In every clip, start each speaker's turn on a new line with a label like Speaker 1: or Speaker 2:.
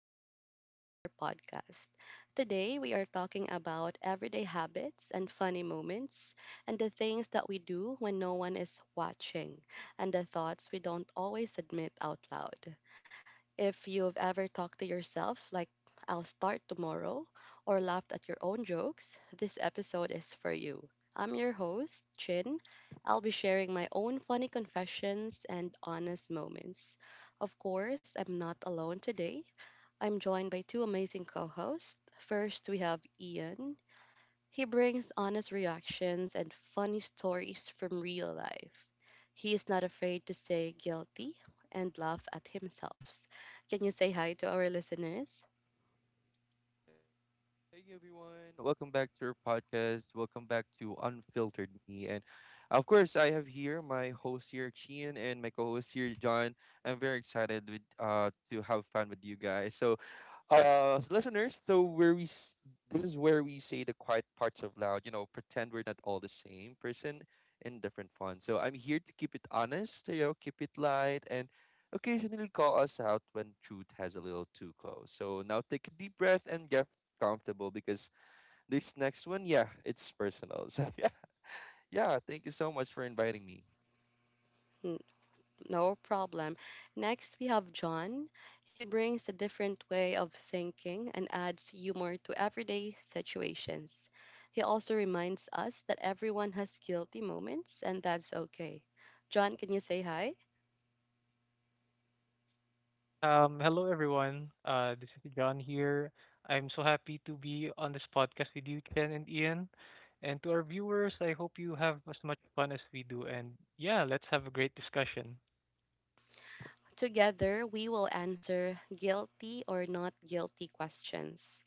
Speaker 1: welcome back to our podcast. Today, we are talking about everyday habits and funny moments, and the things that we do when no one is watching, and the thoughts we don't always admit out loud. If you've ever talked to yourself, like, I'll start tomorrow, or laughed at your own jokes, this episode is for you. I'm your host, Chin. I'll be sharing my own funny confessions and honest moments. Of course, I'm not alone today. I'm joined by two amazing co hosts. First, we have Ian. He brings honest reactions and funny stories from real life. He is not afraid to say guilty and laugh at himself. Can you say hi to our listeners?
Speaker 2: Hey everyone, welcome back to our podcast. Welcome back to Unfiltered Me. And of course, I have here my host here, Chien, and my co host here, John. I'm very excited with, to have fun with you guys. Listeners, so where we this is where we say the quiet parts of loud, pretend we're not all the same person in different fun. So I'm here to keep it honest, keep it light, and occasionally call us out when truth has a little too close. So now take a deep breath and get comfortable, because this next one, yeah, it's personal, so yeah, yeah, thank you so much for inviting me.
Speaker 1: N- No problem. Next, we have John. He brings a different way of thinking and adds humor to everyday situations. He also reminds us that everyone has guilty moments and that's okay. John, can you say hi?
Speaker 3: Hello everyone. This is John here. I'm so happy to be on this podcast with you, Ken and Ian. And to our viewers, I hope you have as much fun as we do. And yeah, let's have a great discussion.
Speaker 1: Together, we will answer guilty or not guilty questions.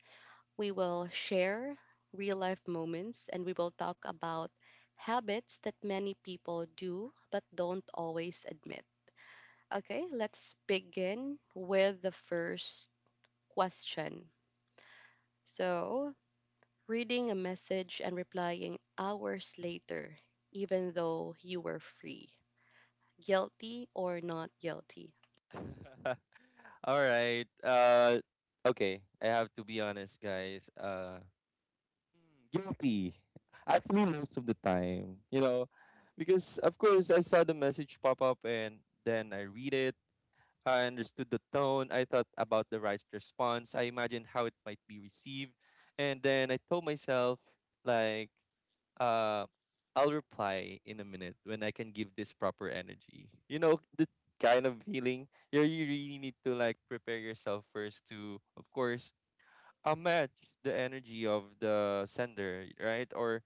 Speaker 1: We will share real life moments and we will talk about habits that many people do but don't always admit. Okay, let's begin with the first question. So, reading a message and replying hours later, even though you were free, guilty or not guilty?
Speaker 2: All right, okay, I have to be honest, guys. Mm, Guilty. Actually, most of the time, you know, because of course I saw the message pop up and then I read it. I understood the tone. I thought about the right response. I imagined how it might be received. And then I told myself, like, uh, I'll reply in a minute when I can give this proper energy. You know, the kind of feeling you really need to, like, prepare yourself first. To, of course, I'll match the energy of the sender, right? Or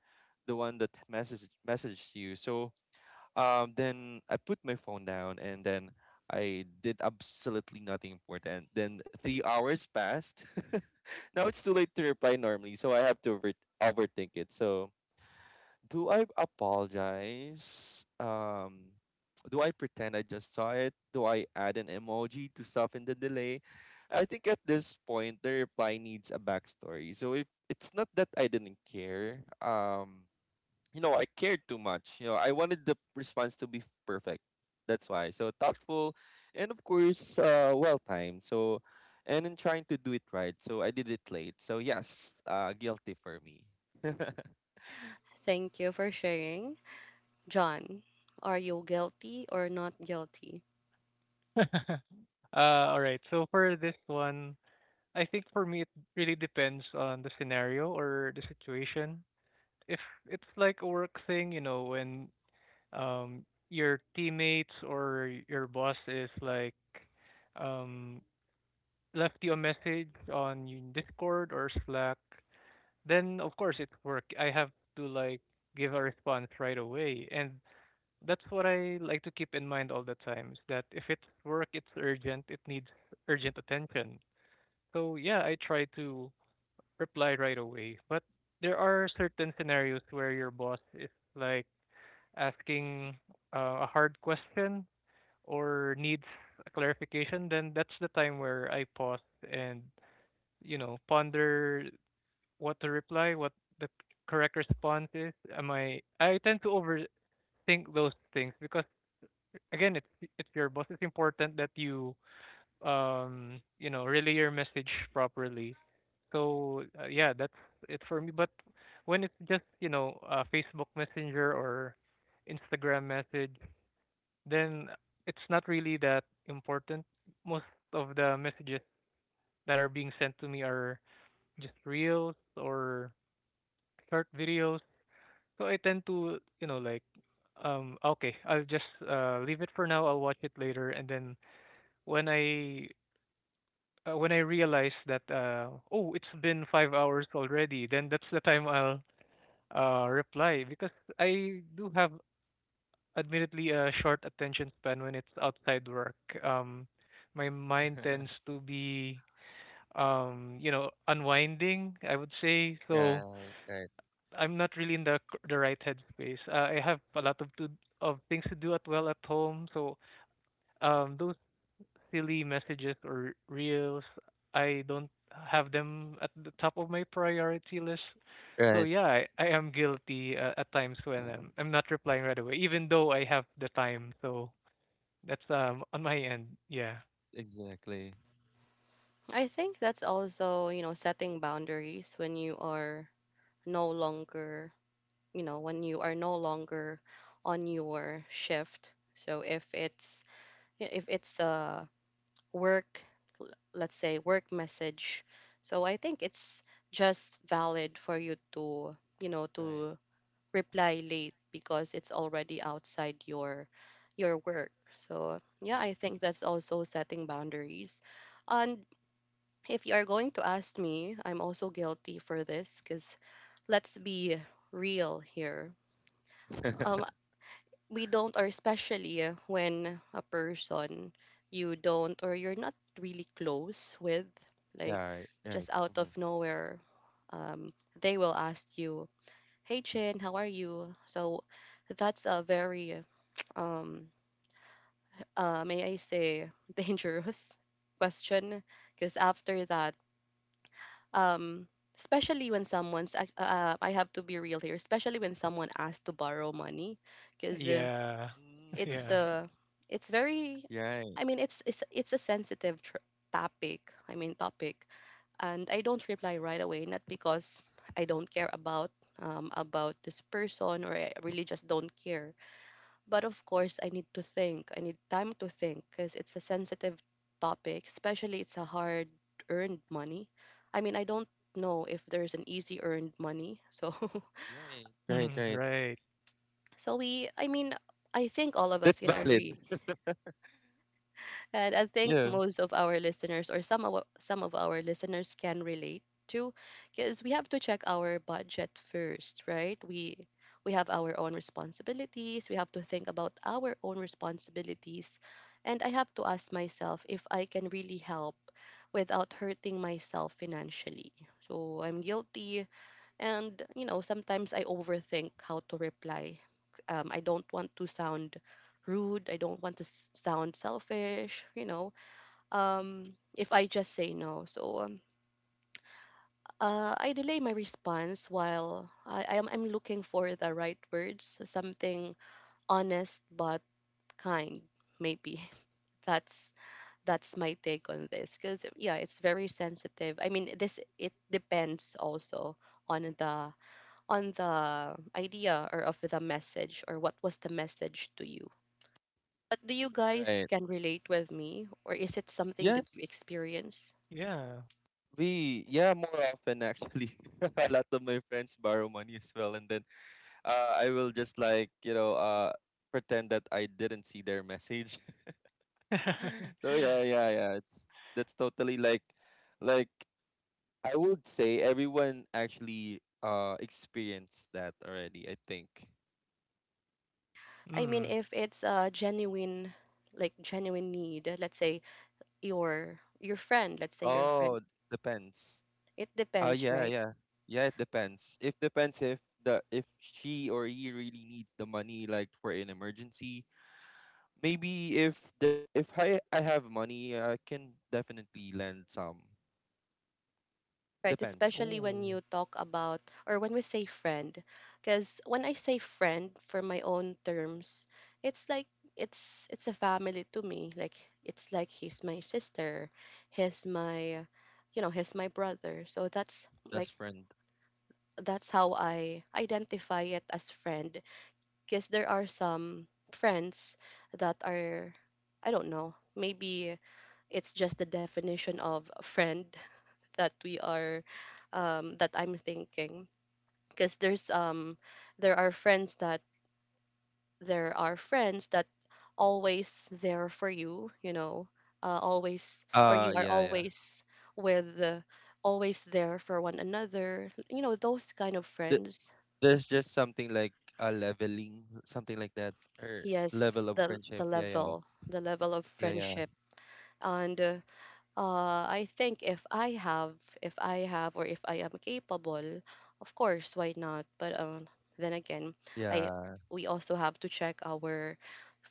Speaker 2: the one that messaged you. So, then I put my phone down, and then I did absolutely nothing important. Then 3 hours passed. Now it's too late to reply normally, so I have to overthink it. So, do I apologize? Do I pretend I just saw it? Do I add an emoji to soften the delay? I think at this point, the reply needs a backstory. So if it's not that I didn't care, you know, I cared too much. You know, I wanted the response to be perfect. That's why. So thoughtful, and of course, well timed. So, and in trying to do it right, so I did it late. So yes, guilty for me.
Speaker 1: Thank you for sharing. John, are you guilty or not guilty?
Speaker 3: All right. So for this one, I think for me it really depends on the scenario or the situation. If it's like a work thing, you know, when um your teammates or your boss is like um left you a message on Discord or Slack, then of course it's work. I have to like give a response right away. And that's what I like to keep in mind all the time is that if it's work, it's urgent, it needs urgent attention. So yeah, I try to reply right away. But there are certain scenarios where your boss is like asking a hard question or needs a clarification, then that's the time where I pause and ponder what to reply, what the correct response is. Am I? I tend to overthink those things because again, it's your boss. It's important that you you know relay your message properly. So yeah, that's it for me. But when it's just Facebook Messenger or Instagram message, then it's not really that important. Most of the messages that are being sent to me are just reels or short videos. So I tend to, you know, like, okay, I'll just leave it for now. I'll watch it later, and then when I when I realize that oh, it's been 5 hours already, then that's the time I'll reply because I do have, admittedly, a short attention span when it's outside work. Um, my mind tends to be, you know, unwinding. I would say so
Speaker 2: Right, right,
Speaker 3: I'm not really in the right headspace. I have a lot of to of things to do at, well, at home, so those silly messages or reels, I don't have them at the top of my priority list. So
Speaker 2: right.
Speaker 3: yeah, I am guilty at times when I'm not replying right away, even though I have the time. So that's on my end. Yeah,
Speaker 2: Exactly.
Speaker 1: I think that's also, you know, setting boundaries when you are no longer, you know, when you are no longer on your shift. So if it's yeah, if it's a work, let's say work message, so I think it's just valid for you to, you know,
Speaker 2: Right,
Speaker 1: to reply late because it's already outside your work. So yeah, I
Speaker 2: exactly.
Speaker 1: think that's also setting boundaries. And if you are going to ask me, I'm also guilty for this because let's be real here. Um, we don't, or especially when a person you don't or you're not really close with, like
Speaker 2: Yeah, right, right.
Speaker 1: just out
Speaker 2: Mm-hmm.
Speaker 1: of nowhere, um, they will ask you, hey Chin, how are you? So that's a very um may I say dangerous question because after that um especially when I have to be real here, especially when someone asks to borrow money because
Speaker 3: yeah,
Speaker 2: Mm.
Speaker 1: it's
Speaker 3: yeah.
Speaker 1: uh it's very,
Speaker 2: Right,
Speaker 1: I mean it's a sensitive tr topic, I mean topic, and I don't reply right away, not because I don't care about this person or I really just don't care. But of course, I need to think. I need time to think because it's a sensitive topic, especially it's a hard earned money. I mean, I don't know if there's an easy earned money. So
Speaker 2: right, right, right.
Speaker 3: Right.
Speaker 1: so we I mean, I think all of us
Speaker 2: That's
Speaker 1: can
Speaker 2: valid.
Speaker 1: agree, and I think
Speaker 2: Yeah,
Speaker 1: most of our listeners or some of our listeners can relate to, because we have to check our budget first, right? We have our own responsibilities, we have to think about our own responsibilities, and I have to ask myself if I can really help without hurting myself financially. So I'm guilty, and, you know, sometimes I overthink how to reply. I don't want to sound rude. I don't want to sound selfish, you know, if I just say no. So I delay my response while I'm looking for the right words, something honest but kind, maybe. That's that's my take on this because yeah, it's very sensitive. I mean, this it depends also on the on the idea or of the message, or what was the message to you. But do you guys
Speaker 2: right.
Speaker 1: can relate with me, or is it something that you
Speaker 2: Yes,
Speaker 1: experience?
Speaker 3: Yeah.
Speaker 2: we, yeah, more often actually. A lot of my friends borrow money as well. And then, I will just, like, pretend that I didn't see their message. So yeah, yeah, yeah. It's, that's totally like, I would say everyone actually experienced that already, I think.
Speaker 1: I mean,
Speaker 3: Mm.
Speaker 1: if it's a genuine, like genuine need, let's say your friend, let's say your friend.
Speaker 2: Oh, depends.
Speaker 1: It
Speaker 2: Oh
Speaker 1: depends,
Speaker 2: yeah,
Speaker 1: right?
Speaker 2: yeah. Yeah, it depends. If depends if the if she or he really needs the money, like for an emergency. Maybe if there if I have money, I can definitely lend some.
Speaker 1: Right,
Speaker 2: Depends.
Speaker 1: especially when
Speaker 3: Oh.
Speaker 1: you talk about or when we say friend. Because when I say friend for my own terms, it's like it's a family to me. Like it's like he's my sister, he's my, you know, he's my brother. So that's like
Speaker 2: Best friend.
Speaker 1: that's how I identify it as friend. Because there are some friends that are I don't know, maybe it's just the definition of a friend that we are
Speaker 2: Okay. uh
Speaker 1: that I'm thinking, because there's there are friends that there are friends that always there for you, you know, always, or
Speaker 2: yeah,
Speaker 1: you are
Speaker 2: yeah.
Speaker 1: always with always there for one another, you know, those kind of
Speaker 2: Th-
Speaker 1: friends.
Speaker 2: there's just something like a leveling, something like that, or
Speaker 1: Yes,
Speaker 2: level of
Speaker 1: the the
Speaker 2: friendship. Yeah,
Speaker 1: level the level of
Speaker 2: yeah, yeah,
Speaker 1: friendship. And uh, I think if I have, or if I am capable, of course, why not? But then again, I
Speaker 2: yeah.
Speaker 1: we also have to check our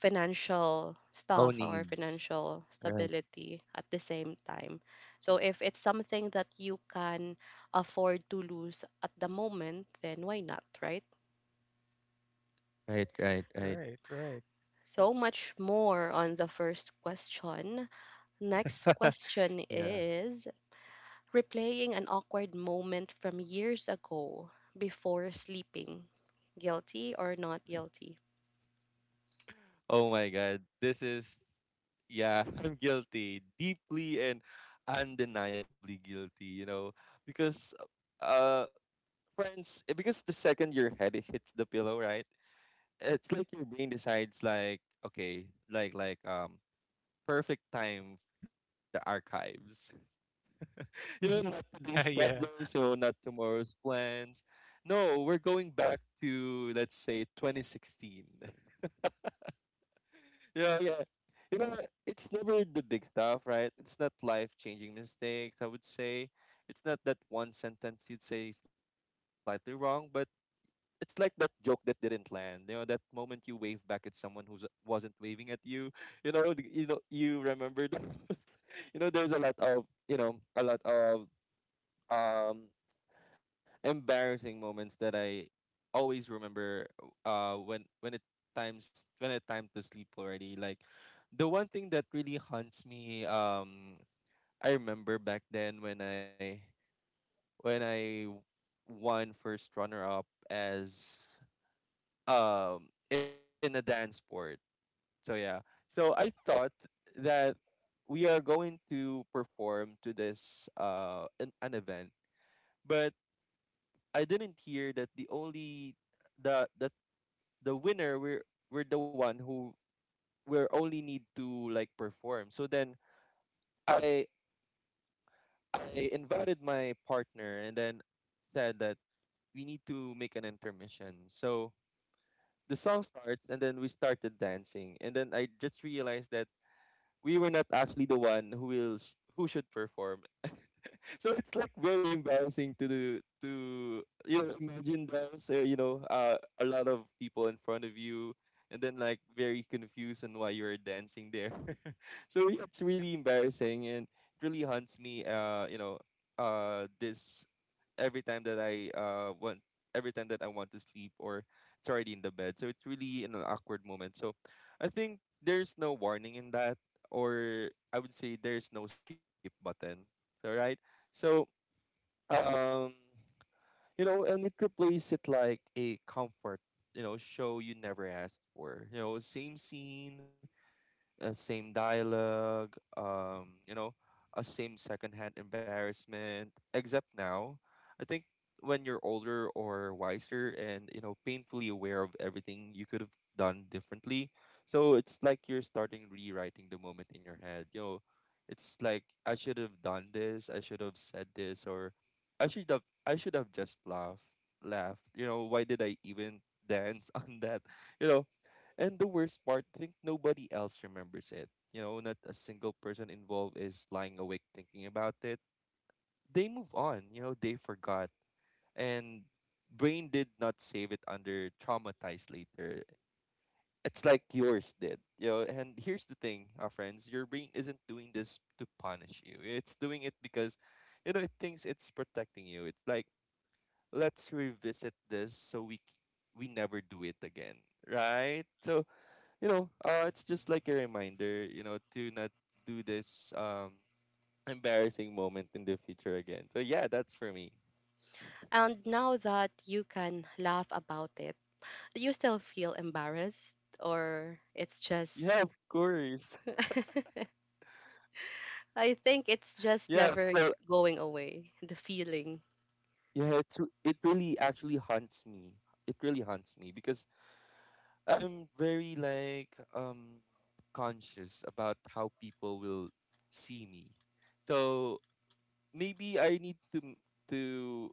Speaker 1: financial
Speaker 2: Oh,
Speaker 1: stuff, our
Speaker 2: needs.
Speaker 1: financial
Speaker 2: Right,
Speaker 1: stability at the same time. So if it's something that you can afford to lose at the moment, then why not, right?
Speaker 2: right, right, right.
Speaker 3: Right. Right.
Speaker 1: So much more on the first question. Next question
Speaker 2: Yeah.
Speaker 1: is replaying an awkward moment from years ago before sleeping, guilty or not guilty.
Speaker 2: Oh my God. This is, yeah, I'm guilty, deeply and undeniably guilty, you know, because, uh, friends, eh, because the second your head hits the pillow, right? It's like your brain decides, like, okay, perfect time for the archives. You know, not today's
Speaker 3: yeah,
Speaker 2: problems, you know, not tomorrow's plans. No, we're going back to, let's say, 2016. Yeah, yeah. You know, it's never the big stuff, right? It's not life-changing mistakes. I would say it's not that one sentence you'd say slightly wrong, but it's like that joke that didn't land. You know, that moment you wave back at someone who wasn't waving at you. You know, you know, you remember those. You know, there's a lot of, a lot of, um embarrassing moments that I always remember when it times when it time to sleep already. Like, the one thing that really haunts me, I remember back then when I won first runner up as, in a dance sport. So yeah. So I thought that we are going to perform to this, an event, but I didn't hear that the only the the the winner we're the one who we're only need to, like, perform. So then i I invited my partner, and then said that we need to make an intermission. So the song starts and then we started dancing, and then I just realized that we were not actually the one who will who should perform. So it's like very embarrassing to do to you know, imagine dance, a lot of people in front of you and then like very confused on why you're dancing there. So yeah, it's really embarrassing and it really haunts me, you know this every time that I want every time that I want to sleep, or it's already in the bed, so it's really in an awkward moment. So I think there's no warning in that, or I would say there's no skip button. So right. So, um you know, and it replaces it like a comfort, you know, show you never asked for. You know, same scene, same dialogue, you know, a same secondhand embarrassment. Except now, I think when you're older or wiser and, you know, painfully aware of everything you could have done differently. So it's like you're starting rewriting the moment in your head. You know, it's like I should have done this, I should have said this, or I should have just laughed. You know, why did I even dance on that? You know, and the worst part, I think nobody else remembers it. You know, not a single person involved is lying awake thinking about it. They move on, you know, they forgot. And brain did not save it under traumatized later. It's like yours did. You know, and here's the thing, our friends, your brain isn't doing this to punish you. It's doing it because, you know, it thinks it's protecting you. It's like, let's revisit this so we never do it again. Right? So, you know, it's just like a reminder, you know, to not do this, embarrassing moment in the future again. So yeah, that's for me.
Speaker 1: And now that you can laugh about it, do you still feel embarrassed or it's just
Speaker 2: Yeah, of course.
Speaker 1: I think it's just
Speaker 2: Yeah,
Speaker 1: never
Speaker 2: still
Speaker 1: going away, the feeling.
Speaker 2: yeah, it's it really actually haunts me. It really haunts me because I'm very, like, conscious about how people will see me. So maybe I need to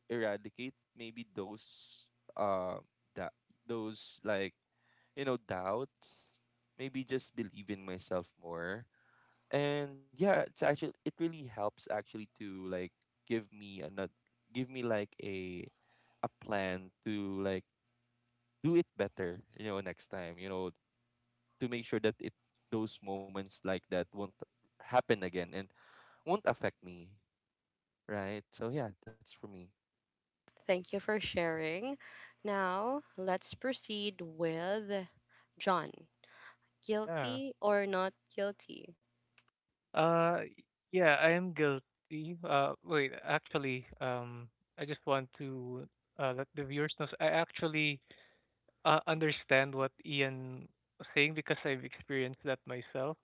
Speaker 2: eradicate maybe those, uh that those, like, you know, doubts. Maybe just believe in myself more. And yeah, it's actually, it really helps actually to, like, give me another, give me like a plan to, like, do it better, you know, next time, you know, to make sure that it those moments like that won't happen again and won't affect me, right? So yeah, that's for me.
Speaker 1: Thank you for sharing. Now, let's proceed with John.
Speaker 3: yeah.
Speaker 1: Guilty or not guilty?
Speaker 3: Uh, yeah, I am guilty. Wait, actually, I just want to let the viewers know. I actually understand what Ian was saying because I've experienced that myself.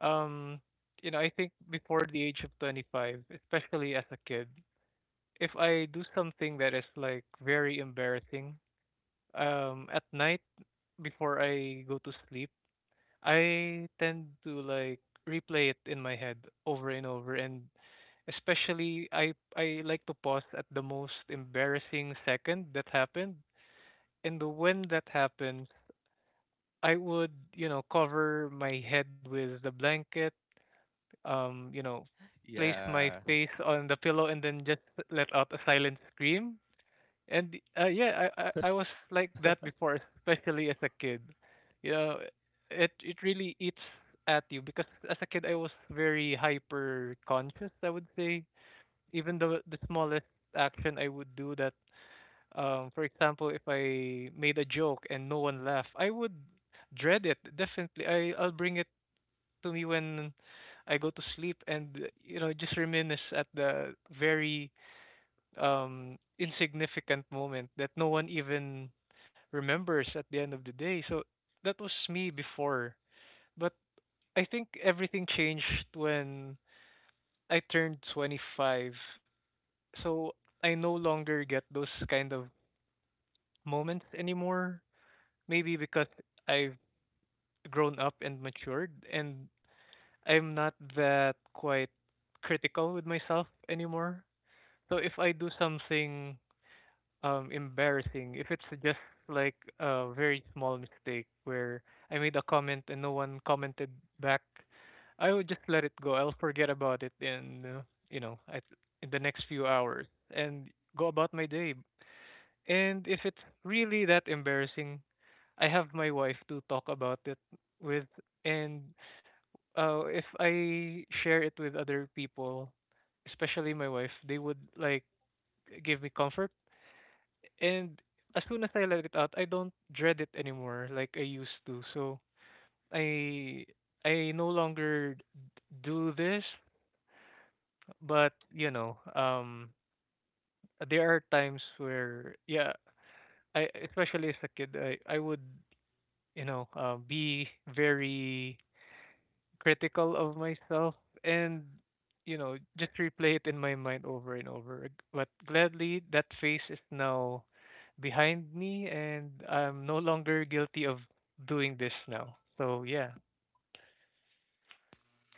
Speaker 3: Um, you know, I think before the age of 25, especially as a kid, if I do something that is like very embarrassing, at night before I go to sleep. I tend to like replay it in my head over and over and especially I like to pause at the most embarrassing second that happened. And when that happens, I would, you know, cover my head with the blanket, um, you know, place my
Speaker 2: Yeah.
Speaker 3: face on the pillow and then just let out a silent scream and yeah, I was like that before, especially as a kid. You know, it really eats at you because as a kid I was very hyper conscious. I would say even the smallest action I would do that. For example, if I made a joke and no one laughed, I would dread it. Definitely, I'll bring it to me when I go to sleep and just reminisce at the very insignificant moment that no one even remembers at the end of the day. So that was me before. But I think everything changed when I turned 25. So I no longer get those kind of moments anymore. Maybe because I've grown up and matured and I'm not that quite critical with myself anymore. So if I do something embarrassing if it's just like a very small mistake where I made a comment and no one commented back, I would just let it go. I'll forget about it in you know at, in the next few hours and go about my day. And if it's really that embarrassing, I have my wife to talk about it with, and if I share it with other people, especially my wife, they would like give me comfort and as soon as I let it out, I don't dread it anymore like I used to. So I I no longer do this, but you know, there are times where yeah, I especially as a kid, I would be very critical of myself and just replay it in my mind over and over but gladly that phase is now behind me and I'm no longer guilty of doing this now, so yeah.
Speaker 2: Yeah. So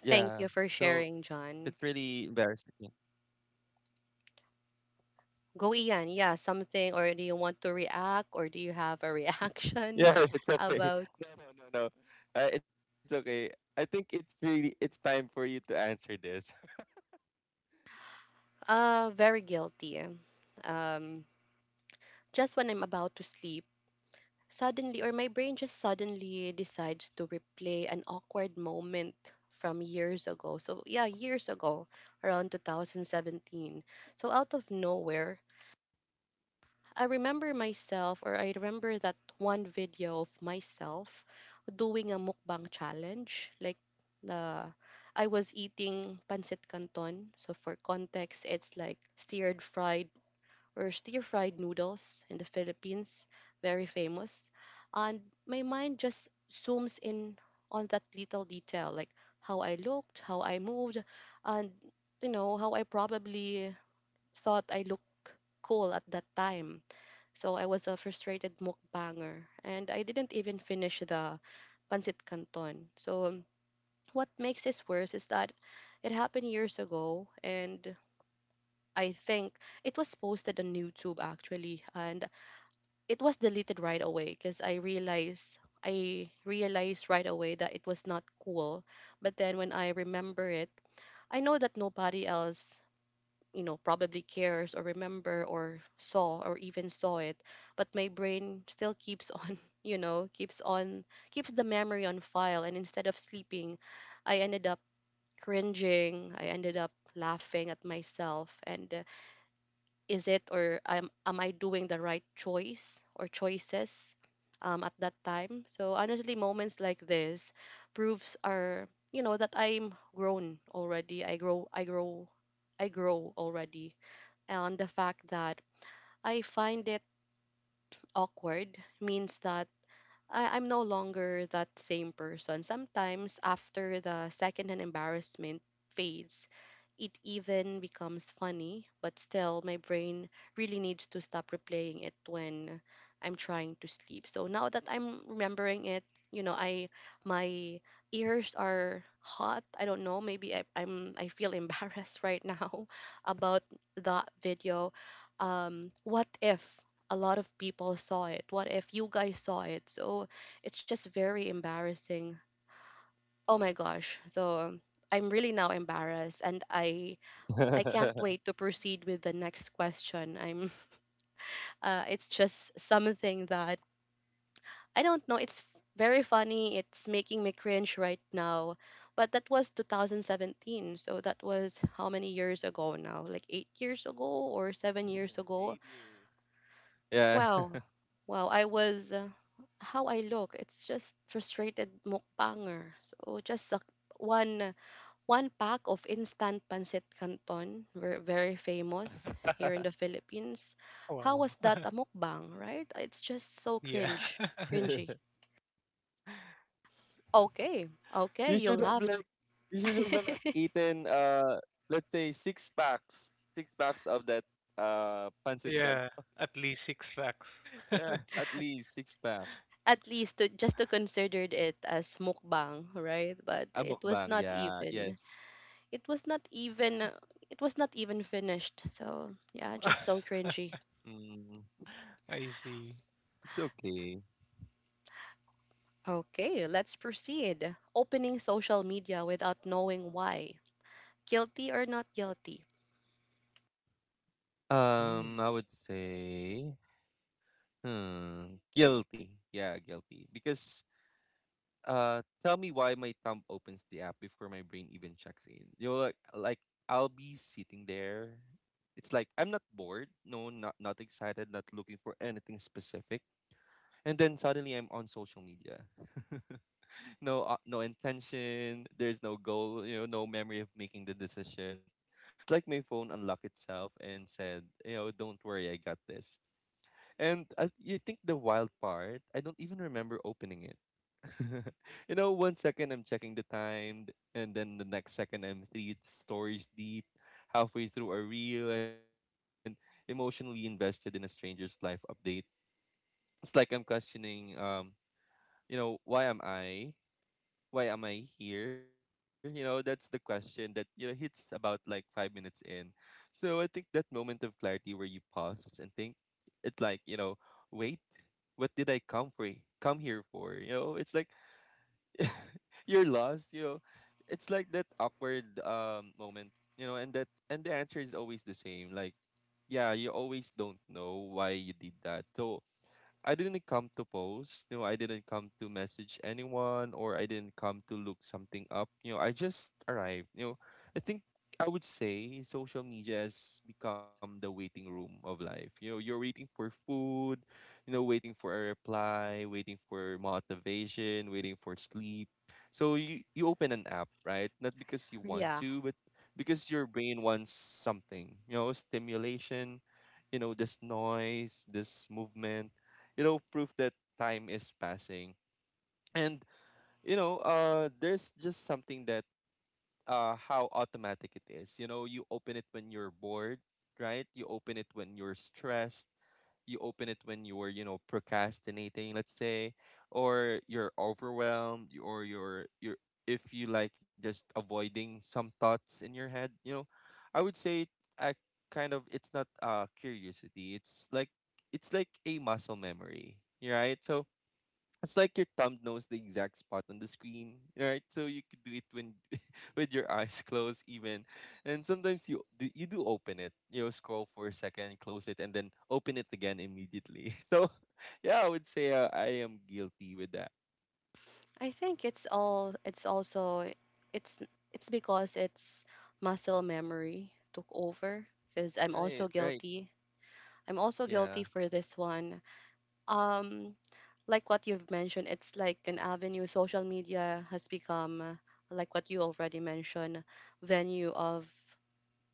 Speaker 2: it's
Speaker 1: Thank you for
Speaker 2: really
Speaker 1: sharing,
Speaker 2: embarrassing. Yeah,
Speaker 1: John. Go Ian, yeah, something, or do you want to react, or do you have a reaction
Speaker 2: yeah, it's okay.
Speaker 1: about
Speaker 2: No, no, no, no. It's okay. I think it's really it's time for you to answer this.
Speaker 1: very guilty. Um, just when I'm about to sleep, suddenly or my brain just suddenly decides to replay an awkward moment from years ago. So yeah, years ago, around 2017. So out of nowhere, I remember myself, or I remember that one video of myself doing a mukbang challenge. Like, the I was eating pancit canton. So, for context, it's like stir fried or stir fried noodles in the Philippines, very famous. And my mind just zooms in on that little detail, like how I looked, how I moved, and you know, how I probably thought I looked cool at that time. So I was a frustrated mukbanger and I didn't even finish the pancit canton. So what makes this worse is that it happened years ago, and I think it was posted on YouTube actually, and it was deleted right away because I realized right away that it was not cool. But then when I remember it, I know that nobody else, you know, probably cares or remember or saw or even saw it, but my brain still keeps on you know keeps on keeps the memory on file, and instead of sleeping I ended up cringing, I ended up laughing at myself. And is it, or am I doing the right choice or choices at that time. So honestly, moments like this proves, are, you know, that I'm grown already. I grow already, and the fact that I find it awkward means that I'm no longer that same person. Sometimes, after the second and embarrassment fades, it even becomes funny, but still, my brain really needs to stop replaying it when I'm trying to sleep. So now that I'm remembering it, you know, I my ears are hot. I don't know. Maybe I'm, I feel embarrassed right now about that video. What if a lot of people saw it? What if you guys saw it? So it's just very embarrassing. Oh my gosh. So I'm really now embarrassed, and I can't wait to proceed with the next question. I'm it's just something that I don't know, it's very funny. It's making me cringe right now. But that was 2017. So that was how many years ago now? Like 8 years ago or 7 years ago?
Speaker 2: 8 years. Yeah.
Speaker 1: Wow. Wow, I was how I look. It's just frustrated mukbanger. So just a, one one pack of instant pancit canton, very famous here in the Philippines. How
Speaker 3: Wow.
Speaker 1: was that a mukbang, right? It's just so
Speaker 3: Yeah.
Speaker 1: cringe, cringy. Okay, okay,
Speaker 2: You
Speaker 1: you
Speaker 2: should have
Speaker 1: laughed.
Speaker 2: like eaten, let's say, six packs. Six packs of that, pancit canton.
Speaker 3: Yeah, at least six facts.
Speaker 2: Yeah, at least six pack.
Speaker 1: At least to, just to considered it as mukbang, right? But
Speaker 2: A
Speaker 1: it was
Speaker 2: mukbang,
Speaker 1: not
Speaker 2: yeah,
Speaker 1: even.
Speaker 2: yes.
Speaker 1: It was not even. It was not even finished. So yeah, just so cringy.
Speaker 2: Mm.
Speaker 3: I see.
Speaker 2: It's okay.
Speaker 1: Okay, let's proceed. Opening social media without knowing why. Guilty or not guilty?
Speaker 3: Mm.
Speaker 2: I would say, guilty. Yeah, guilty. Because, tell me why my thumb opens the app before my brain even checks in. You're like, I'll be sitting there. It's like I'm not bored. No, not not excited. Not looking for anything specific. And then suddenly I'm on social media. No, no intention, there's no goal, you know, no memory of making the decision. It's like my phone unlocked itself and said, you know, don't worry, I got this. And I, you think the wild part, I don't even remember opening it. You know, one second I'm checking the time, and then the next second I'm three stories deep, halfway through a reel, and emotionally invested in a stranger's life update. It's like I'm questioning, you know, why am I here? You know, that's the question that, you know, hits about like 5 minutes in. So I think that moment of clarity where you pause and think, it's like, you know, wait, what did I come for? Come here for? It's like you're lost. It's like that awkward moment. And the answer is always the same, like, yeah, you always don't know why you did that. So I didn't come to post. I didn't come to message anyone, or I didn't come to look something up. I just arrived. I think I would say social media has become the waiting room of life. You're waiting for food, waiting for a reply, waiting for motivation, waiting for sleep. So you open an app, right? Not because you want
Speaker 1: Yeah,
Speaker 2: to, but because your brain wants something, stimulation, this noise, this movement, proof that time is passing. And, there's just something that how automatic it is. You open it when you're bored, right? You open it when you're stressed. You open it when you're, procrastinating, let's say, or you're overwhelmed, or if you like just avoiding some thoughts in your head. I would say I it's not curiosity. It's like a muscle memory, right? So it's like your thumb knows the exact spot on the screen, right? So you could do it when with your eyes closed even. And sometimes you do open it. Scroll for a second, close it, and then open it again immediately. So yeah, I would say I am guilty with that.
Speaker 1: I think it's also it's it's because it's muscle memory took over, because I'm also
Speaker 2: Right, right.
Speaker 1: guilty. I'm also guilty
Speaker 2: Yeah.
Speaker 1: for this one. Um, like what you've mentioned, it's like an avenue, social media has become like what you already mentioned, venue of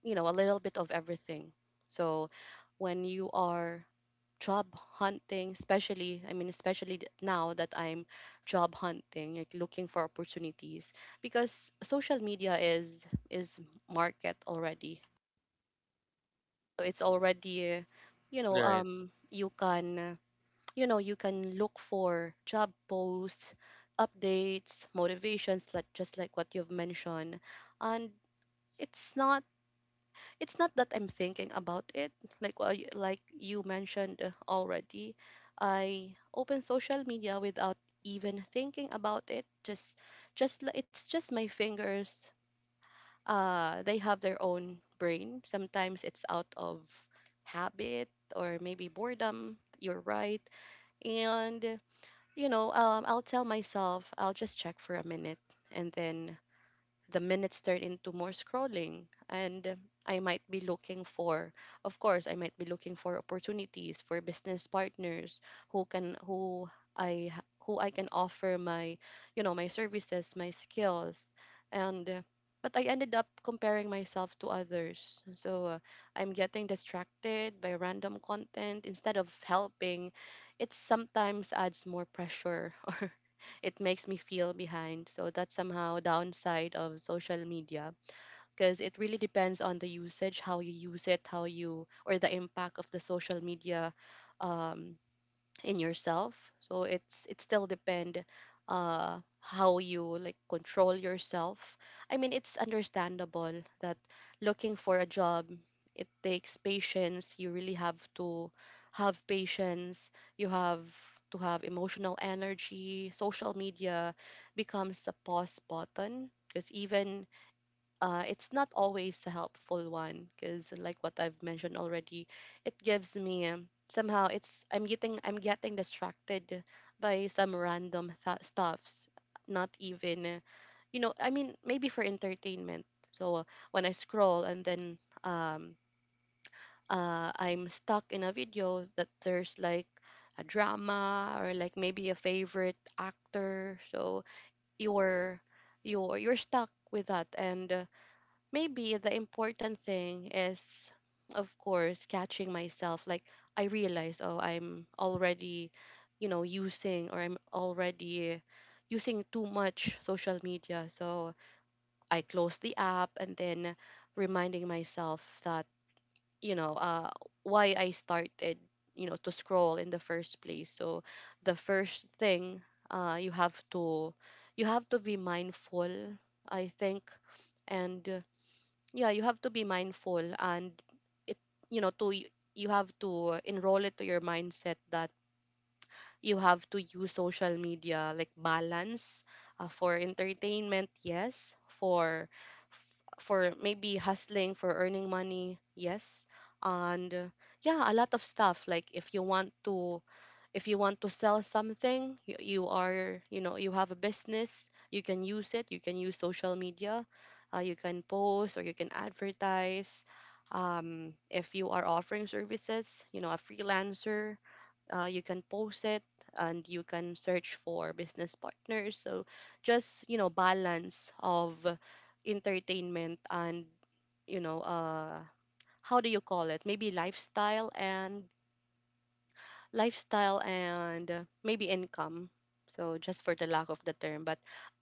Speaker 1: you know a little bit of everything. So when you are job hunting, especially, I mean especially now that I'm job hunting, like looking for opportunities, because social media is market already, so it's already, you know,
Speaker 2: Right.
Speaker 1: um, you can, you know, you can look for job posts, updates, motivations, like just like what you've mentioned. And it's not, it's not that I'm thinking about it. Like what you mentioned already, I open social media without even thinking about it. It's just my fingers. They have their own brain. Sometimes it's out of habit or maybe boredom. You're right. And I'll tell myself I'll just check for a minute, and then the minutes turn into more scrolling. And I might be looking for of course I might be looking for opportunities for business partners, who can who I h- who I can offer my my services, my skills. And uh, but I ended up comparing myself to others, so I'm getting distracted by random content instead of helping. It sometimes adds more pressure. It makes me feel behind. So that's somehow downside of social media, because it really depends on the usage, how you use it, how you, or the impact of the social media um, in yourself. So it still depend how you like control yourself. I mean, it's understandable that looking for a job, it takes patience. You really have to have patience. You have to have emotional energy. Social media becomes a pause button, because even it's not always a helpful one, because like what I've mentioned already, it gives me somehow it's I'm getting distracted by some stuffs. Not even I mean, maybe for entertainment. So when I scroll and then I'm stuck in a video that there's like a drama, or like maybe a favorite actor. So you're you're stuck with that. And Maybe the important thing is, of course, catching myself. Like I realize, oh, I'm already using, or I'm already using too much social media. So I close the app and then reminding myself that you know uh, why I started to scroll in the first place. So the first thing, you have to, you have to be mindful, I think. And yeah, you have to be mindful. And it you know to you have to enroll it to your mindset that you have to use social media like balance. Uh, for entertainment, yes. For maybe hustling, for earning money, yes. and yeah, a lot of stuff. Like if you want to, if you want to sell something, you are, you know, you have a business, you can use it, you can use social media. Uh, you can post, or you can advertise. Um, if you are offering services, you know, a freelancer, you can post it, and you can search for business partners. So just, you know, balance of entertainment and, you know uh, how do you call it, maybe lifestyle and lifestyle and maybe income. So just for the lack of the term, but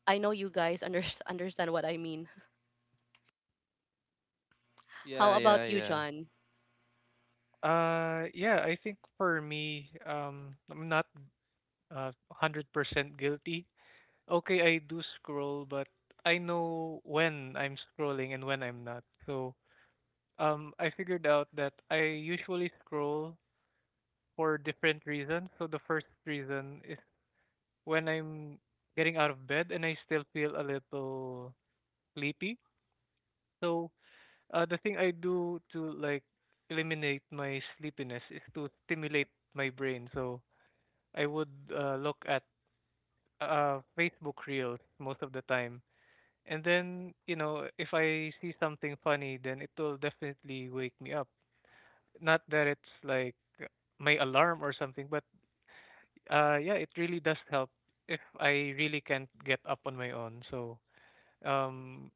Speaker 1: I know you guys understand what I mean. How
Speaker 2: Yeah, yeah,
Speaker 1: about you,
Speaker 2: yeah.
Speaker 1: John?
Speaker 3: yeah, I think for me, I'm not uh 100% guilty. Okay, I do scroll, but I know when I'm scrolling and when I'm not. So, I figured out that I usually scroll for different reasons. So the first reason is when I'm getting out of bed and I still feel a little sleepy. So, the thing I do to like eliminate my sleepiness is to stimulate my brain. So I would look at Facebook Reels most of the time. And then, you know, if I see something funny, then it will definitely wake me up. Not that it's like my alarm or something, but yeah, it really does help if I really can't get up on my own. So, um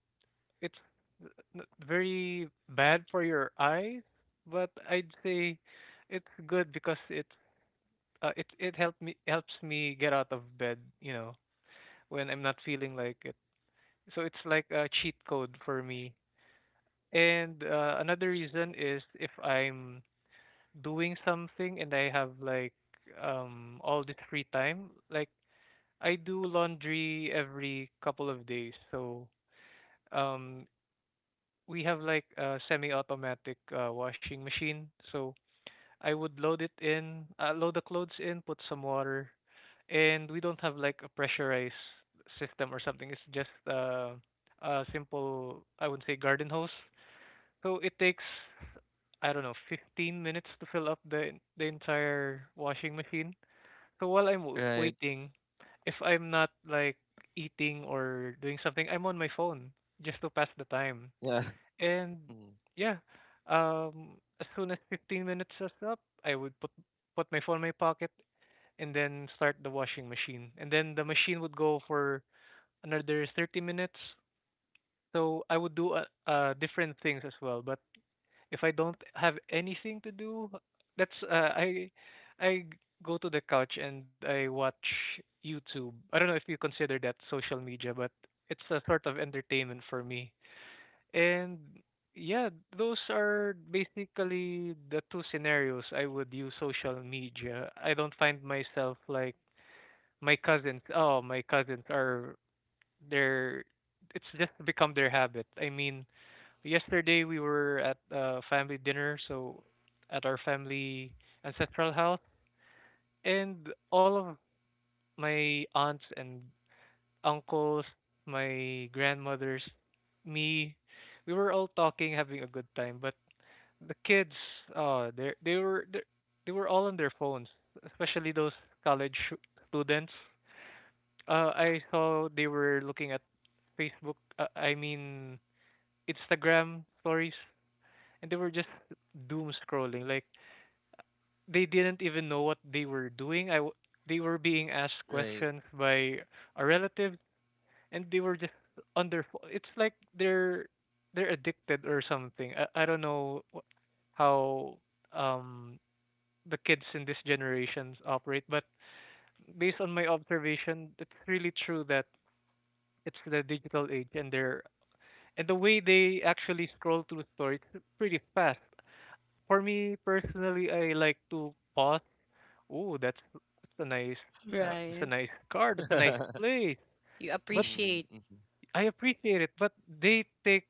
Speaker 3: it's very bad for your eyes, but I'd say it's good because it helped me helps me get out of bed, you know, when I'm not feeling like it. So it's like a cheat code for me. And another reason is if I'm doing something and I have like all this free time, like I do laundry every couple of days. So um we have like a semi-automatic washing machine. So I would load the clothes in, put some water, and we don't have like a pressurized system or something. It's just a simple, I would say, garden hose. So it takes I don't know, 15 minutes to fill up the the entire washing machine. So while I'm
Speaker 2: Right.
Speaker 3: waiting, if I'm not like eating or doing something, I'm on my phone just to pass the time.
Speaker 2: Yeah.
Speaker 3: And
Speaker 2: Mm,
Speaker 3: yeah, as soon as 15 minutes is up, I would put my phone in my pocket and then start the washing machine. And then the machine would go for another 30 minutes. So I would do different things as well, but if I don't have anything to do, that's I go to the couch and I watch YouTube. I don't know if you consider that social media, but it's a sort of entertainment for me. And yeah, those are basically the two scenarios I would use social media. I don't find myself like my cousins. Oh, my cousins are, they're it's just become their habit. I mean, yesterday we were at a family dinner, so at our family ancestral house, and all of my aunts and uncles, my grandmothers, me, we were all talking, having a good time. But the kids, they, they were all on their phones, especially those college students. I saw they were looking at Facebook. I mean Instagram stories, and they were just doom scrolling. Like they didn't even know what they were doing. They were being asked
Speaker 2: right.
Speaker 3: questions by a relative, and they were just It's like they're addicted or something. I don't know how um the kids in this generations operate, but based on my observation, it's really true that it's the digital age and the way they actually scroll through stories pretty fast. For me personally, I like to pause. Oh, that's
Speaker 1: Right.
Speaker 3: a nice car. That's a nice place.
Speaker 1: You
Speaker 3: But
Speaker 2: Mm,
Speaker 1: appreciate.
Speaker 2: mhm.
Speaker 3: I appreciate it. But they take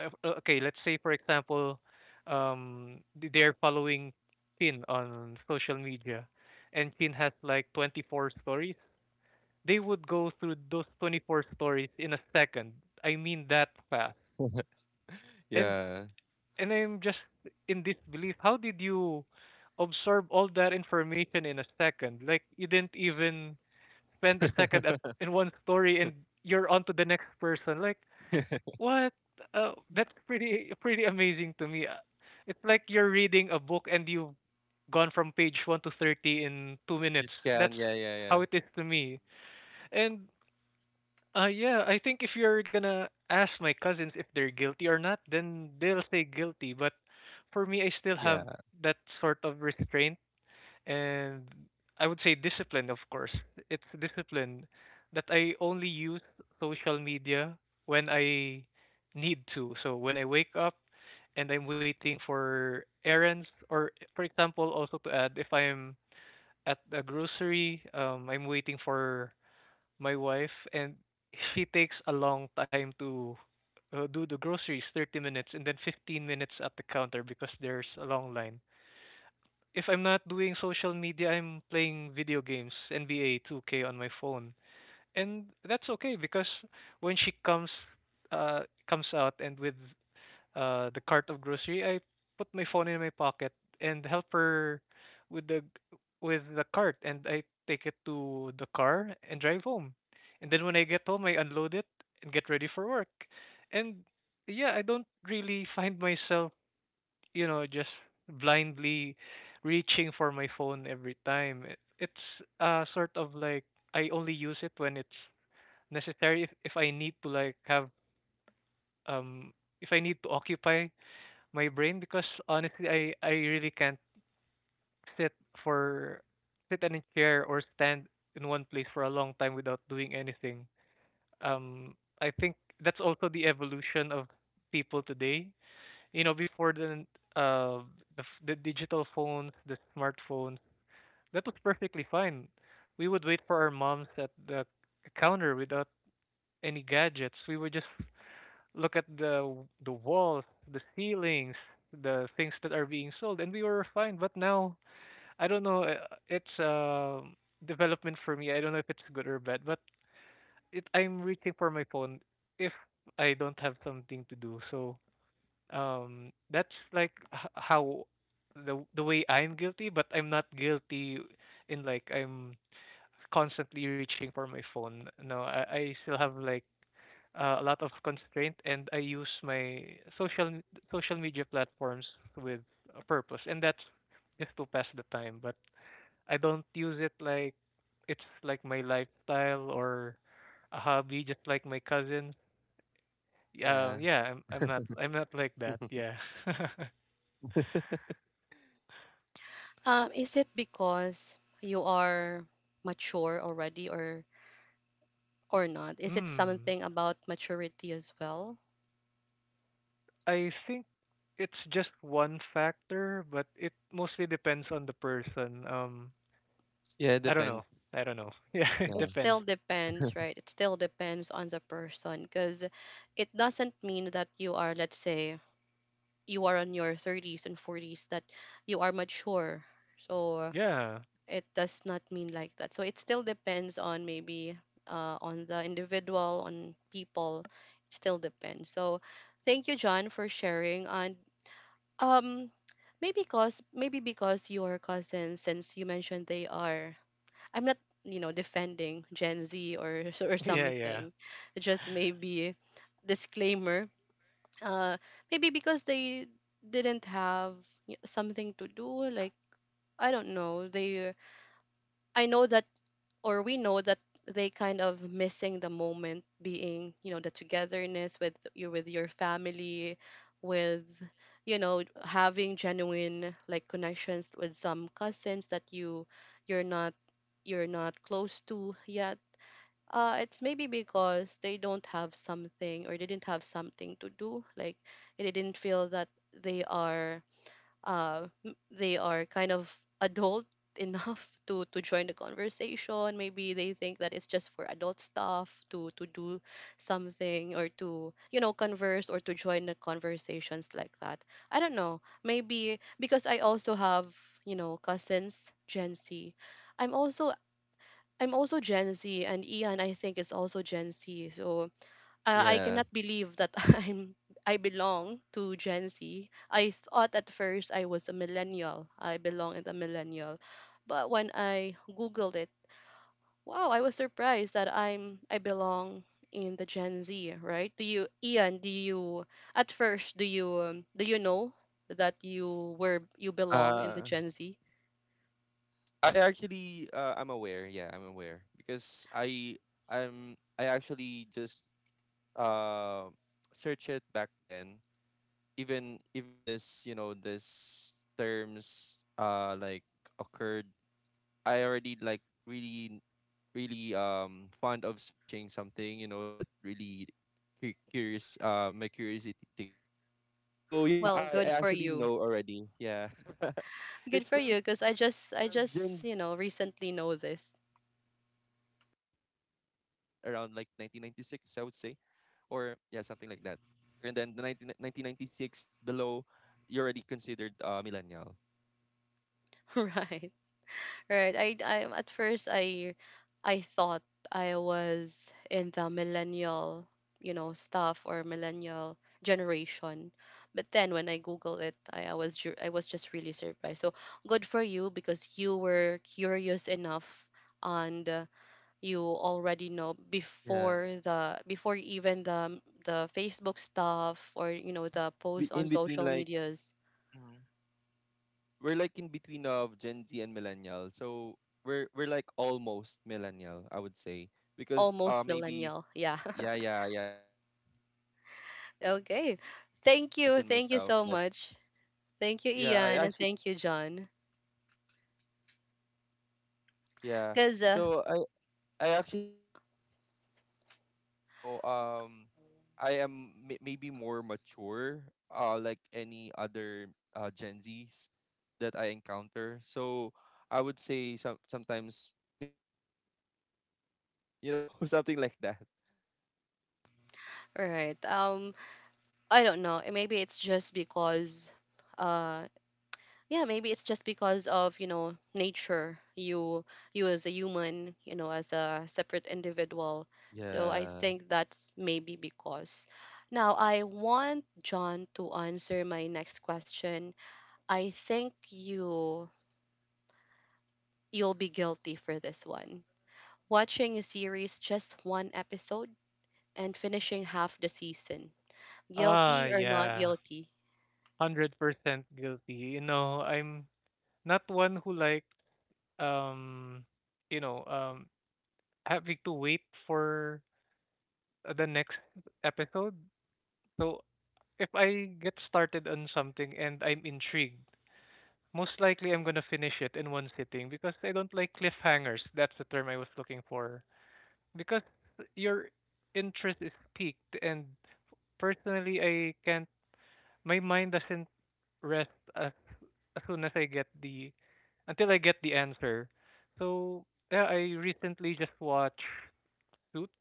Speaker 3: okay. Let's say for example, they're following Chin on social media, and Chin has like 24 stories. They would go through those 24 stories in a second. I mean that fast. And
Speaker 2: Yeah.
Speaker 3: I'm just in this belief. How did you absorb all that information in a second? Like you didn't even spend a second at in one story, and you're on to the next person. Like what? That's pretty amazing to me. It's like you're reading a book and you've gone from page 1 to 30 in
Speaker 2: Just
Speaker 3: 2 minutes.
Speaker 2: can, yeah,
Speaker 3: That's
Speaker 2: yeah, yeah. Mm,
Speaker 3: how it is to me. And yeah, I think if you're gonna ask my cousins if they're guilty or not, then they'll say guilty. But for me, I still
Speaker 2: yeah.
Speaker 3: have that sort of restraint and I would say discipline, of course. It's discipline that I only use social media when I need to. So when I wake up and I'm waiting for errands, or for example, also to add, if I'm at a grocery, I'm waiting for my wife, and she takes a long time to do the groceries, 30 minutes, and then 15 minutes at the counter because there's a long line. If I'm not doing social media, I'm playing video games, NBA 2K on my phone. And that's okay because when she comes comes out and with the cart of grocery, I put my phone in my pocket and help her with the with the cart, and I take it to the car and drive home. And then when I get home, I unload it and get ready for work. And yeah, I don't really find myself, just blindly reaching for my phone every time. It's sort of like I only use it when it's necessary if I need to like have um if I need to occupy my brain because honestly I really can't sit for sit in a chair or stand in one place for a long time without doing anything. Um I think that's also the evolution of people today. You know, before uh the digital phones, the smartphones, that was perfectly fine. We would wait for our moms at the counter without any gadgets. We would just look at the walls, the ceilings, the things that are being sold, and we were fine. But now, I don't know. It's a development for me. I don't know if it's good or bad, but it I'm reaching for my phone if I don't have something to do. So that's like how the way I'm guilty, but I'm not guilty in like I'm constantly reaching for my phone. No, I still have like a lot of constraint, and I use my social m- social media platforms with a purpose, and that's just to pass the time. But I don't use it like it's like my lifestyle or a hobby, just like my cousin.
Speaker 2: Yeah.
Speaker 3: Yeah, yeah, I'm not I'm not like that. Yeah.
Speaker 1: Is it because you are mature already, or not? Is it
Speaker 3: Hmm.
Speaker 1: something about maturity as well?
Speaker 3: I think it's just one factor, but it mostly depends on the person.
Speaker 2: Yeah, it
Speaker 3: I don't know.
Speaker 2: depends.
Speaker 3: I don't know. Yeah, it
Speaker 1: It
Speaker 2: Yeah.
Speaker 3: depends.
Speaker 1: still depends, right? It still depends on the person, because it doesn't mean that you are, let's say, you are on your 30s and 40s that you are mature, so
Speaker 3: Yeah.
Speaker 1: it does not mean like that. So it still depends on, maybe on the individual, on people. It still depends. So thank you, John, for sharing. And um maybe because, maybe because your cousins, since you mentioned they are, I'm not, you know, defending Gen Z, or or
Speaker 3: Yeah, yeah.
Speaker 1: something, just maybe disclaimer, uh maybe because they didn't have something to do. Like, I don't know, they, I know that, or we know that they kind of missing the moment, being, you know, the togetherness with you, with your family, with, you know, having genuine like connections with some cousins that you're not you're not close to yet. It's maybe because they don't have something, or they didn't have something to do. Like, they didn't feel that they are they are kind of adult enough to join the conversation. Maybe they think that it's just for adult stuff to do something, or to, you know, converse, or to join the conversations like that. I don't know. Maybe because I also have, you know, cousins Gen Z. I'm also I'm also Gen Z, and Ian, I think, is also Gen Z. So I
Speaker 2: Yeah.
Speaker 1: cannot believe that I belong to Gen Z. I thought at first I was a millennial. I belong in the millennial, but when I googled it, wow, I was surprised that I belong in the Gen Z. Right? Do you, Ian? Do you at first, do you know that you were, you belong in the
Speaker 2: Uh
Speaker 1: Gen Z?
Speaker 2: I actually, I'm aware. Yeah, I'm aware because I actually just uh search it back then. Even this terms like occurred. I already, like, really, really fond of searching something, that really curious, my curiosity tickles me. So yeah,
Speaker 1: Well,
Speaker 2: i,
Speaker 1: good
Speaker 2: I
Speaker 1: for
Speaker 2: actually
Speaker 1: you.
Speaker 2: know already. Yeah.
Speaker 1: Good
Speaker 2: It's
Speaker 1: for you,
Speaker 2: like
Speaker 1: because I
Speaker 2: the Gen
Speaker 1: just,
Speaker 2: Z
Speaker 1: you know, recently
Speaker 2: year will,
Speaker 1: know
Speaker 2: like,
Speaker 1: this.
Speaker 2: start with around, like, 1996, I would say, or yeah, something like that. And then the nineteen ninety six below, you're already considered millennial.
Speaker 1: Right, right. I At first, I thought I was in the millennial, you know, stuff, or millennial generation. But then when I Google it, I was I was just really surprised. So good for you, because you were curious enough, and you already know
Speaker 2: Yeah.
Speaker 1: before the, before even
Speaker 2: Because admit it,
Speaker 1: the
Speaker 2: it we're
Speaker 1: Facebook
Speaker 2: like in
Speaker 1: stuff, or you know
Speaker 2: between.
Speaker 1: the posts on
Speaker 2: In between,
Speaker 1: social
Speaker 2: like.
Speaker 1: medias.
Speaker 2: Mhm. We're like in between of Gen Z and millennial. So we're like almost millennial, I would say, because
Speaker 1: Almost
Speaker 2: maybe.
Speaker 1: millennial, yeah.
Speaker 2: Yeah, yeah, yeah, kind of like that. Because I
Speaker 1: Okay,
Speaker 2: actually
Speaker 1: thank
Speaker 2: noticed
Speaker 1: you,
Speaker 2: in
Speaker 1: thank you
Speaker 2: myself
Speaker 1: so
Speaker 2: that.
Speaker 1: much, thank you
Speaker 2: Yeah, I
Speaker 1: Ian, and
Speaker 2: actually.
Speaker 1: thank you John,
Speaker 2: Yeah.
Speaker 1: cuz
Speaker 2: So I actually noticed that because I am, maybe more mature like any other Gen Zs that I encounter. So I would say sometimes maybe I'm a millennial or something like that.
Speaker 1: all right. I don't know, eh, maybe it's just because uh. yeah, maybe it's just because of, you know, nature. You as a human, you know, as a separate individual. So I
Speaker 2: Yeah.
Speaker 1: think that's maybe because now I want John to answer my next question. I think you, you'll be guilty for this one. Watching a series, just one episode, and finishing half the season.
Speaker 3: Ah,
Speaker 1: Guilty or not
Speaker 3: yeah.
Speaker 1: guilty?
Speaker 3: 100% guilty. You know, I'm not one who like um you know, um having to wait for the next episode. So if I get started on something and I'm intrigued, most likely I'm gonna finish it in one sitting because I don't like cliffhangers. That's the term I was looking for. Because your interest is piqued and personally I can't my mind doesn't rest as as soon as I get the until I get the answer. So yeah, I recently just watched Suits.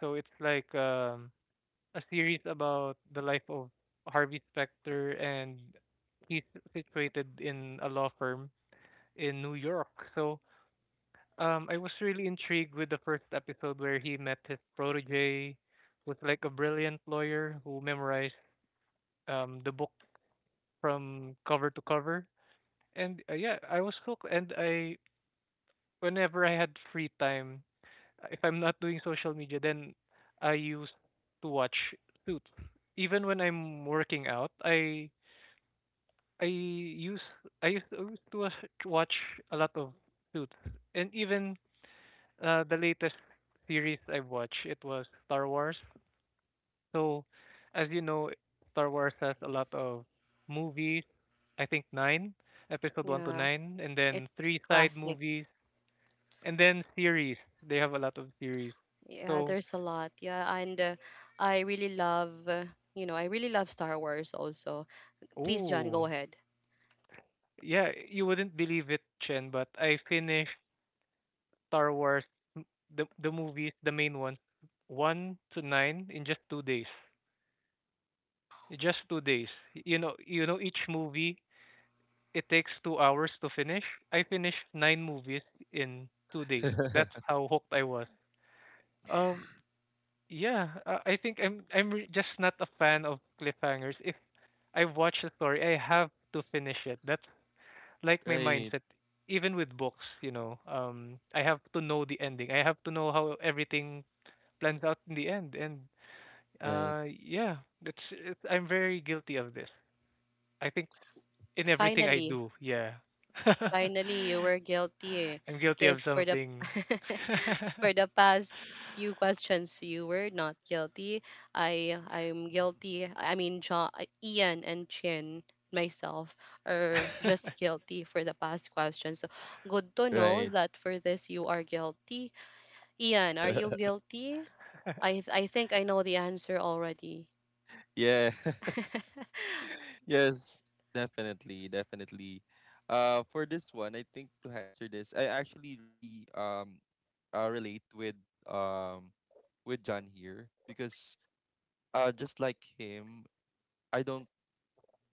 Speaker 3: So it's like a series about the life of Harvey Specter and he's situated in a law firm in New York. So I was really intrigued with the first episode where he met his protege who's like a brilliant lawyer who memorized the book from cover to cover. And yeah, I was hooked and I whenever I had free time, if I'm not doing social media, then I used to watch Suits. Even when I'm working out, I use I used to watch a lot of Suits, and even the latest series I watched it was Star Wars. So, as you know, Star Wars has a lot of movies. I think nine, episode one to
Speaker 1: Yeah,
Speaker 3: nine, and then
Speaker 1: it's
Speaker 3: three side
Speaker 1: classic.
Speaker 3: movies. And then series. They have a lot of series.
Speaker 1: Yeah,
Speaker 3: So,
Speaker 1: there's a lot. Yeah, and I really love, you know, I really love Star Wars also. Please, John,
Speaker 3: oh,
Speaker 1: go ahead.
Speaker 3: yeah, you wouldn't believe it, Chen, but I finished Star Wars, m- the movies, the main ones, one to nine in just 2 days. Just 2 days. You know, each movie it takes 2 hours to finish. I finished nine movies in 2 days. That's how hooked I was. Um, yeah, I think just not a fan of cliffhangers. If I've watched the story. I have to finish it. That's like my
Speaker 2: Right.
Speaker 3: mindset. Even with books, you know, I have to know the ending. I have to know how everything plans out in the end. And
Speaker 2: Right.
Speaker 3: yeah, it's I'm very guilty of this. I think in everything I
Speaker 1: Finally,
Speaker 3: do, yeah,
Speaker 1: finally, you were guilty.
Speaker 3: I'm guilty of
Speaker 1: Because for the
Speaker 3: something.
Speaker 1: for the past few questions, you were not guilty. I I'm guilty. I mean, John, Ian and Chin, myself, are just guilty for the past questions. So good to know
Speaker 2: Right.
Speaker 1: that for this you are guilty. Ian, are you guilty? I think I know the answer already.
Speaker 2: Yeah. Yes, definitely, definitely. For this one, I think to answer this, I actually really relate with, um with John here, because just like him, I don't,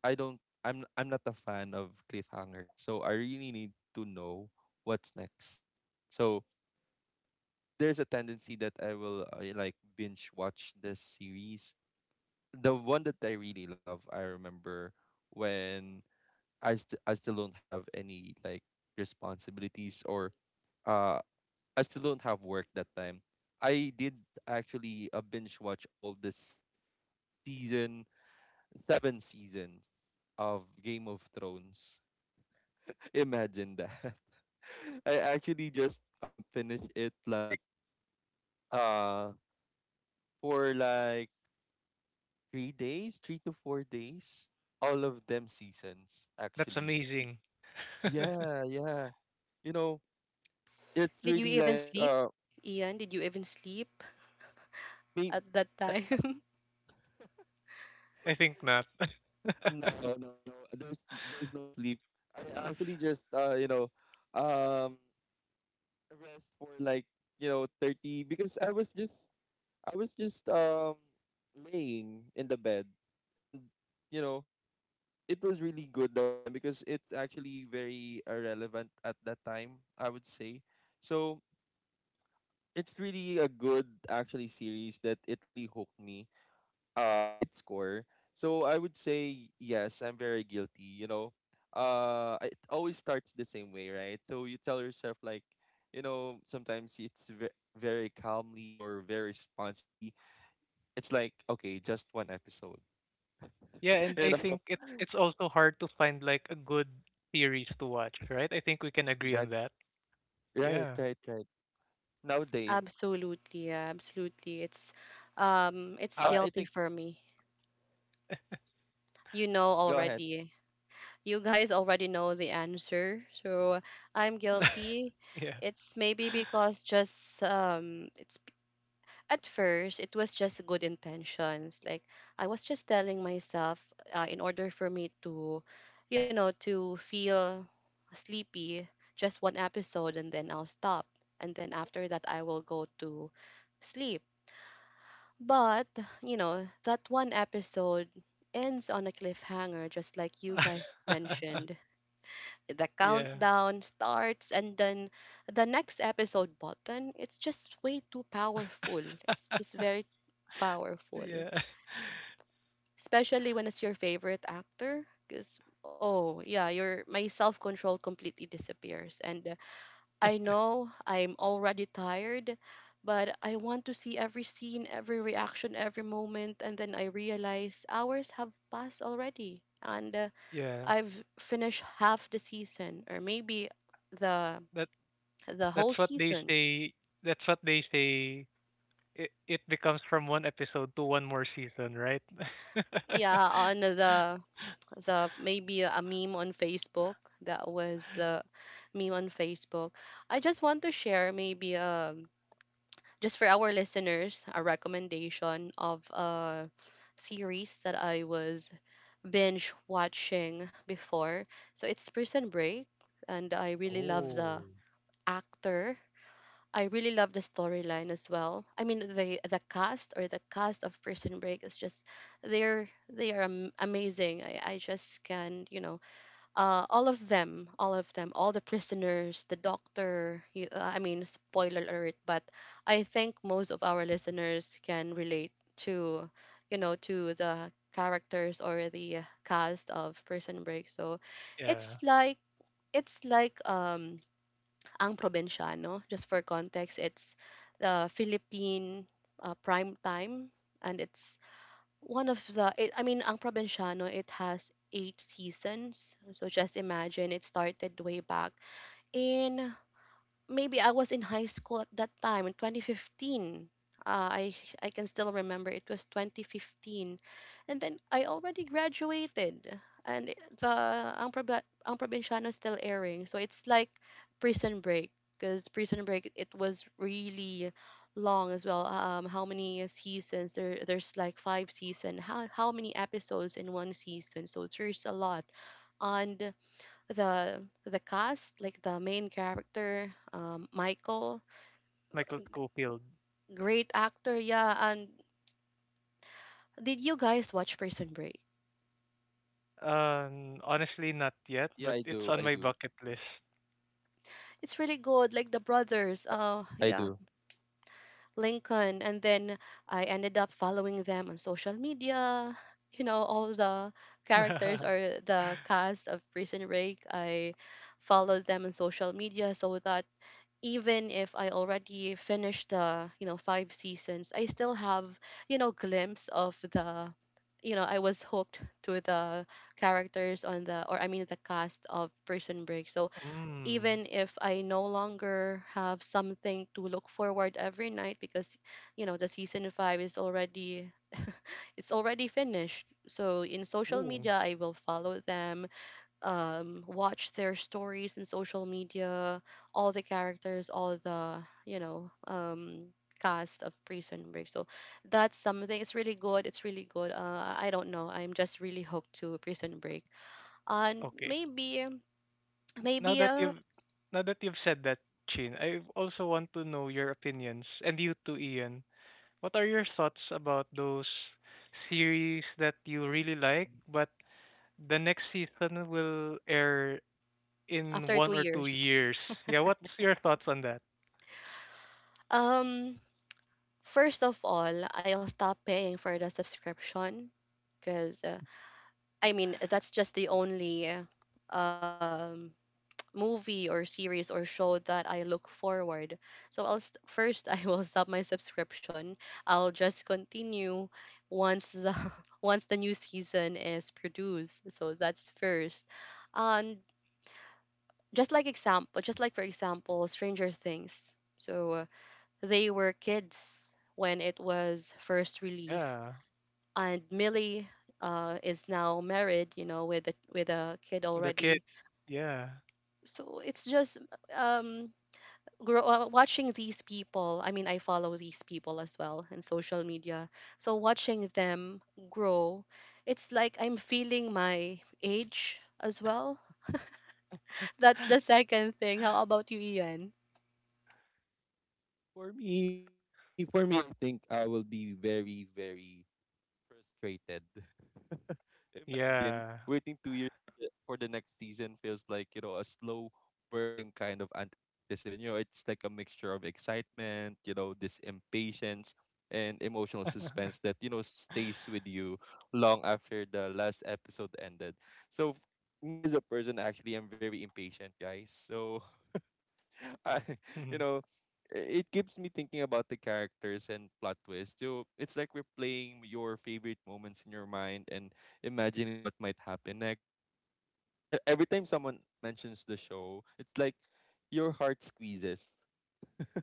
Speaker 2: I'm not a fan of cliffhangers, so I really need to know what's next. So there's a tendency that I will, like, binge watch this series. The one that I really love, I remember when I still don't have any, like, responsibilities, or uh I still don't have work that time. I did actually a binge watch all this season seven seasons of Game of Thrones. Imagine that. I actually just finished it, like, uh for like 3 days, 3 to 4 days. All of them seasons
Speaker 3: That's
Speaker 2: actually.
Speaker 3: amazing.
Speaker 2: Yeah, yeah. You know, it's
Speaker 1: Did you
Speaker 2: really like
Speaker 1: even sleep, Ian? Did you even sleep
Speaker 2: me,
Speaker 1: at that
Speaker 2: uh,
Speaker 1: time?
Speaker 3: I think not.
Speaker 2: no, no, no, there's no sleep. I actually just um rest for, like, 30, because I was just laying in the bed. And you know it was really good that time, because it's actually very irrelevant at that time, I would say. So it's really a good actually series that it really hooked me, at its core. So I would say yes, I'm very guilty. It always starts the same way, right? So you tell yourself like, sometimes it's very calmly or very responsibly. It's like, okay, just one episode.
Speaker 3: Yeah, and
Speaker 2: you
Speaker 3: I
Speaker 2: know,
Speaker 3: think it's also hard to find like a good series to watch, right? I think we can agree on
Speaker 2: exactly.
Speaker 3: that.
Speaker 2: Right,
Speaker 3: Yeah.
Speaker 2: right, right. Nowadays, it's really hard,
Speaker 1: Absolutely, yeah,
Speaker 2: and.
Speaker 1: absolutely. It's
Speaker 2: Oh, I
Speaker 1: guilty
Speaker 2: think.
Speaker 1: for me.
Speaker 2: Yeah.
Speaker 1: You know
Speaker 2: Go ahead.
Speaker 1: already. You guys already know the answer. So I'm guilty.
Speaker 3: Yeah.
Speaker 1: It's maybe because just it's, at first it was just good intentions. Like I was just telling myself, in order for me to, you know, to feel sleepy, just one episode, and then I'll stop, and then after that I will go to sleep. But you know that one episode ends on a cliffhanger, just like you guys mentioned. The
Speaker 3: Yeah.
Speaker 1: countdown starts, and then the next episode button, it's just way too powerful. It's just very powerful,
Speaker 3: Yeah.
Speaker 1: especially when it's your favorite actor. Because, oh, yeah, your my self control completely disappears. And I know I'm already tired, but I want to see every scene, every reaction, every moment. And then I realize hours have passed already. And
Speaker 3: Yeah.
Speaker 1: I've finished half the season, or maybe the
Speaker 3: That
Speaker 1: the whole
Speaker 3: that's what they
Speaker 1: season.
Speaker 3: say. That's what they say. It becomes from one episode to one more season, right?
Speaker 1: Yeah, on the maybe a meme on Facebook, that was the meme on Facebook. I just want to share, maybe just for our listeners, a recommendation of a series that I was binge watching before. So it's Prison Break, and I really love the
Speaker 3: Oh.
Speaker 1: actor. I really love the storyline as well. I mean, the cast, or the cast of Prison Break is just, they are amazing. I just can't, you know, all of them, all of them, all the prisoners, the doctor. I mean, spoiler alert, but I think most of our listeners can relate to, you know, to the characters, or the cast of Prison Break. So it's
Speaker 3: Yeah.
Speaker 1: like, it's like Ang Provinciano. Just for context, it's the Philippine prime time, and it's one of the, it, I mean, Ang Provinciano, it has 8 seasons. So just imagine, it started way back in, maybe I was in high school at that time, in 2015. Uh, I I can still remember it was 2015, and then I already graduated, and the Ang Probinsyano is still airing. So it's like Prison Break, because Prison Break, it was really long as well. How many seasons? There, there's like five season. How many episodes in one season? So there's a lot, and the cast, like the main character, Michael,
Speaker 3: Michael Scofield.
Speaker 1: great actor, yeah. And did you guys watch Prison Break?
Speaker 2: Yeah, I
Speaker 3: Honestly, not
Speaker 2: do. I
Speaker 3: yet,
Speaker 2: do.
Speaker 3: but it's on my bucket list.
Speaker 1: It's really good, like the brothers,
Speaker 2: I do.
Speaker 1: yeah, Lincoln, and then I ended up following them on social media. All the characters or the cast of Prison Break, I followed them on social media so that even if I already finished the 5 seasons, I still have, glimpse of the I was hooked to the characters on the, or I mean, the cast of Prison Break. So
Speaker 3: Mm.
Speaker 1: even if I no longer have something to look forward every night because, the season 5 is already, it's already finished. So in social
Speaker 3: Ooh.
Speaker 1: media, I will follow them, watch their stories in social media, all the characters, all the cast of Prison Break. So that's something, it's really good, it's really good. I don't know, I'm just really hooked to Prison Break. And
Speaker 3: Okay.
Speaker 1: maybe,
Speaker 3: Now
Speaker 1: maybe
Speaker 3: that
Speaker 1: uh,
Speaker 3: you've now that you've said that, Chin, I also want to know your opinions and you too, Ian. What are your thoughts about those series that you really like, but the next season will air in
Speaker 1: after two
Speaker 3: one or two
Speaker 1: years
Speaker 3: years? Yeah, what's your thoughts on that?
Speaker 1: um first of all, I'll stop paying for the subscription because, I mean, that's just the only um movie or series or show that I look forward. So I'll first I will stop my subscription. I'll just continue once the once the new season is produced. So that's first. And just like example, just like for example, Stranger Things. So they were kids when it was first released,
Speaker 3: Yeah.
Speaker 1: and Millie is now married, you know, with a kid
Speaker 3: The kid.
Speaker 1: already.
Speaker 3: Yeah.
Speaker 1: So it's just um grow, watching these people. I mean, I follow these people as well in social media, so watching them grow, it's like I'm feeling my age as well. That's the second thing. How about you, Ian?
Speaker 2: For me, I think I will be very, very frustrated. Imagine
Speaker 3: Yeah.
Speaker 2: waiting 2 years for the next season feels like, you know, a slow burning kind of anticipation. You know, it's like a mixture of excitement, you know, this impatience and emotional suspense that, you know, stays with you long after the last episode ended. So me as a person, actually, I'm very impatient, guys. So I, you know, it keeps me thinking about the characters and plot twist. It's like replaying your favorite moments in your mind and imagining what might happen next. So every time someone mentions the show, it's like your heart squeezes.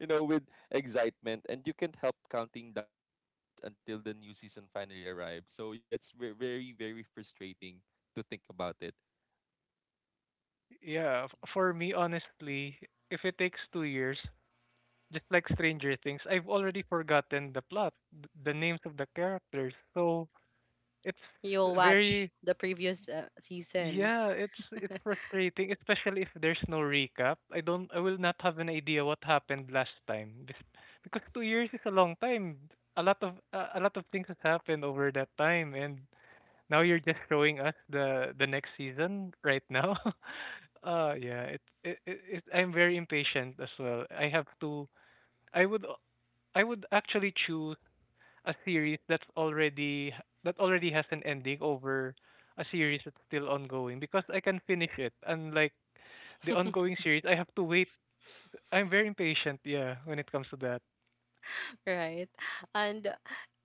Speaker 2: You know, with excitement, and you can't help counting down the days until the new season finally arrives. So yeah, it's ve- very, very frustrating to think about it.
Speaker 3: Yeah, for me, honestly, if it takes 2 years, just like Stranger Things, I've already forgotten the plot, the names of the characters. So it's
Speaker 1: You'll watch
Speaker 3: very
Speaker 1: the previous season.
Speaker 3: yeah, it's frustrating, especially if there's no recap. I will not have an idea what happened last time. This, because 2 years is a long time. A lot of things has happened over that time and now you're just showing us the next season right now. Yeah, it I'm very impatient as well. I have to I would I would actually choose a series that's already that already has an ending over a series that's still ongoing because I can finish it. Unlike the ongoing series, I have to wait. I'm very impatient, yeah, when it comes to that.
Speaker 1: Right? And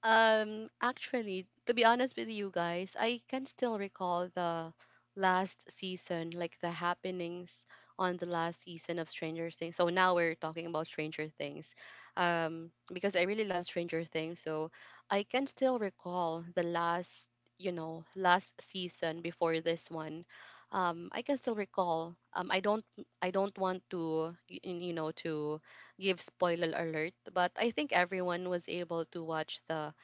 Speaker 1: actually, to be honest with you guys, I can still recall the last season, like the happenings on the last season of Stranger Things. So now we're talking about Stranger Things. Because I really love Stranger Things, so I can still recall the last, last season before this one. I can still recall. I don't, I don't want to give spoiler alert, but I think everyone was able to watch the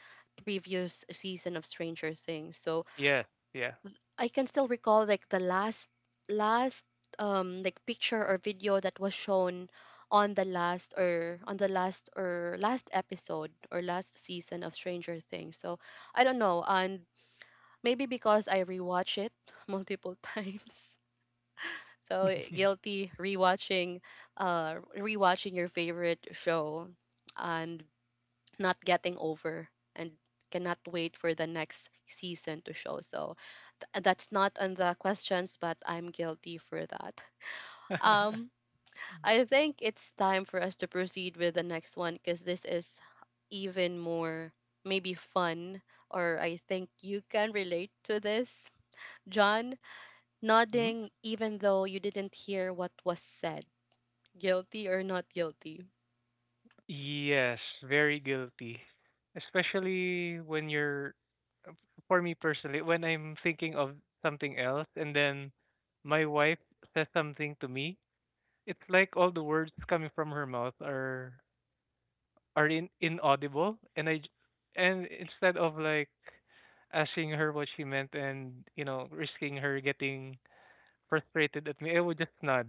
Speaker 1: previous season of Stranger Things. So
Speaker 3: Yeah, yeah.
Speaker 1: I can still recall like the last, last like picture or video that was shown on the last, or on the last, or last episode or last season of Stranger Things. So I don't know, and maybe because I rewatch it multiple times. So guilty rewatching, rewatching your favorite show and not getting over and cannot wait for the next season to show. So that's not on the questions, but I'm guilty for that. Um, I think it's time for us to proceed with the next one because this is even more maybe fun, or I think you can relate to this. John,
Speaker 3: Hmm?
Speaker 1: nodding even though you didn't hear what was said. Guilty or not guilty?
Speaker 3: Yes, very guilty. Especially when you're, for me personally, when I'm thinking of something else and then my wife says something to me. It's like all the words coming from her mouth are inaudible, and and instead of like asking her what she meant and you know risking her getting frustrated at me, I would just nod.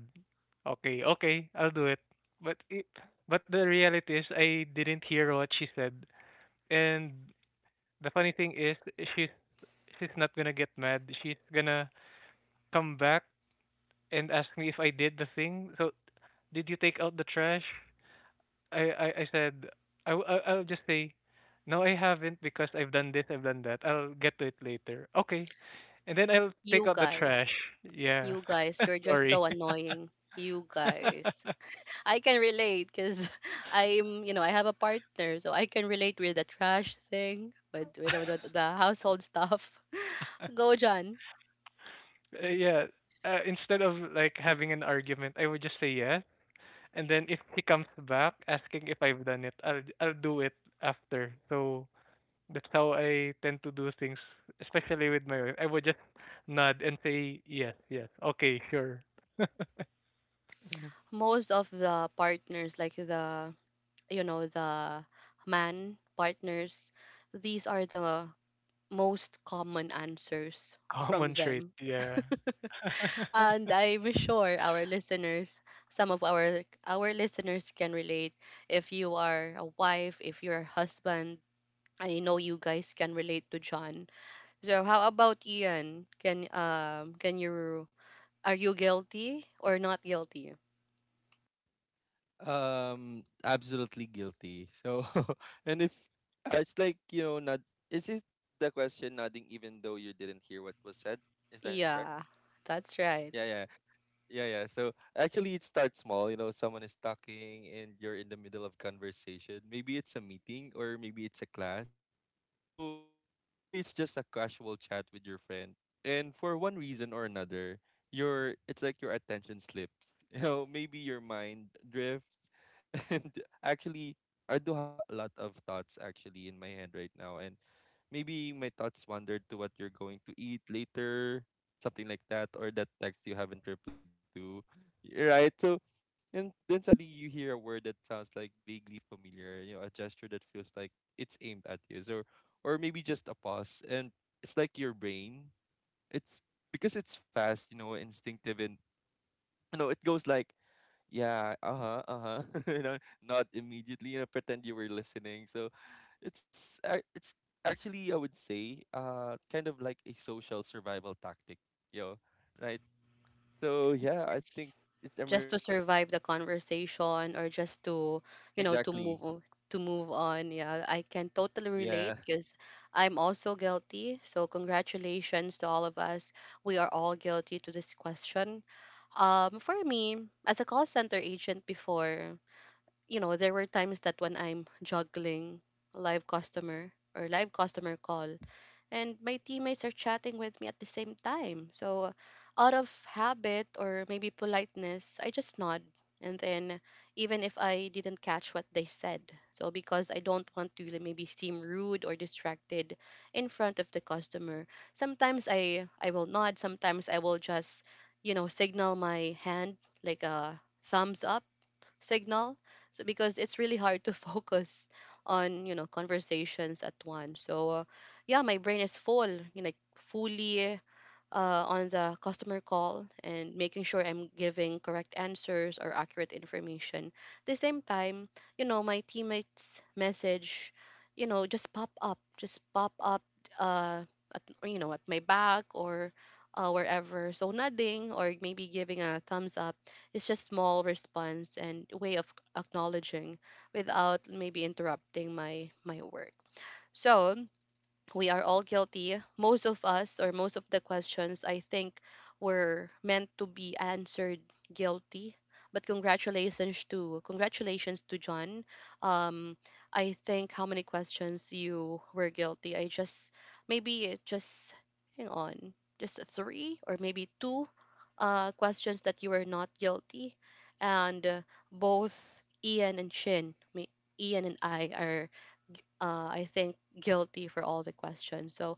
Speaker 3: Okay, okay, I'll do it. But it, but the reality is I didn't hear what she said, and the funny thing is she's she's not gonna get mad. She's gonna come back and ask me if I did the thing. So did you take out the trash? I said I w- I- I'll just say no I haven't because I've done this I've done that I'll get to it later okay and then I'll take
Speaker 1: You
Speaker 3: out the trash.
Speaker 1: guys,
Speaker 3: Yeah.
Speaker 1: you guys, you're just
Speaker 3: Sorry.
Speaker 1: so annoying. You guys. I can relate because I'm, you know, I have a partner, so I can relate with the trash thing, with the household stuff. Go, John.
Speaker 3: Yeah, instead of like having an argument I would just say yes, and then if he comes back asking if I've done it I'll do it after. So that's how I tend to do things, especially with my wife. I would just nod and say yes, yes, okay, sure.
Speaker 1: Most of the partners, like the man partners, these are the most common answers from
Speaker 3: Common trait,
Speaker 1: them.
Speaker 3: yeah.
Speaker 1: And I'm sure our listeners, some of our listeners can relate. If you are a wife, if you're a husband, I know you guys can relate to John. So how about Ian? Can you, are you guilty or not guilty?
Speaker 2: Absolutely guilty. So, and if, it's like, not, is it the question, nodding even though you didn't hear what was said? Is that correct?
Speaker 1: Yeah, that's right.
Speaker 2: Yeah, yeah, yeah, yeah. So actually, it starts small. You know, someone is talking and you're in the middle of conversation. Maybe it's a meeting or maybe it's a class. So, or maybe it's just a casual chat with your friend. And for one reason or another, your it's like your attention slips. Maybe your mind drifts. And actually, I do have a lot of thoughts actually in my head right now. And maybe my thoughts wandered to what you're going to eat later, something like that, or that text you haven't replied to, right? So, and then suddenly you hear a word that sounds like vaguely familiar, you know, a gesture that feels like it's aimed at you, so, or maybe just a pause, and it's like your brain, it's because it's fast, instinctive. And it goes like, yeah, uh-huh, uh-huh. you know Not immediately, pretend you were listening. So it's actually, I would say, kind of like a social survival tactic. you know right. So yeah, I think
Speaker 1: Yes.
Speaker 2: it's I'm really
Speaker 1: Just to
Speaker 2: guilty with
Speaker 1: survive
Speaker 2: that.
Speaker 1: the conversation or just to, you know, to
Speaker 2: Exactly.
Speaker 1: to move on. Yeah, I can totally
Speaker 2: Yeah.
Speaker 1: relate because I'm also guilty. So congratulations to all of us. We are all guilty to this question. For me, as a call center agent before, you know, there were times that when I'm juggling live customer or live customer call, and my teammates are chatting with me at the same time. So, out of habit or maybe politeness, I just nod. And then, even if I didn't catch what they said, so because I don't want to, like, maybe seem rude or distracted in front of the customer, sometimes I will nod. Sometimes I will just, you know, signal my hand like a thumbs up signal, so because it's really hard to focus on, you know, conversations at once. So yeah, my brain is full, you know, like fully, on the customer call and making sure I'm giving correct answers or accurate information. At the same time, you know, my teammates' message, you know, just pop up, uh, at, you know, at my back or wherever. So nodding or maybe giving a thumbs up is just small response and way of acknowledging without maybe interrupting my work. So we are all guilty. Most of us, or most of the questions, I think, were meant to be answered guilty. But congratulations to John. Um, I think how many questions you were guilty. I just, maybe it just, hang on, just three or maybe two questions that you were not guilty, and both Ian and Shin, me, Ian and I are, I think, guilty for all the questions. So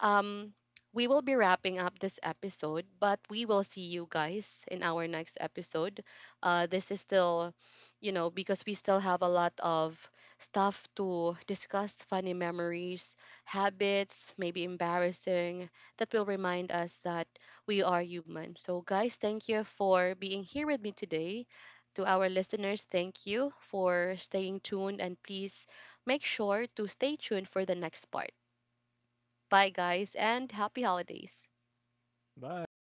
Speaker 1: um, we will be wrapping up this episode, but we will see you guys in our next episode. This is still, you know, because we still have a lot of stuff to discuss: funny memories, habits, maybe embarrassing, that will remind us that we are human. So, guys, thank you for being here with me today. To our listeners, thank you for staying tuned, and please make sure to stay tuned for the next part. Bye, guys, and happy holidays.
Speaker 3: Bye.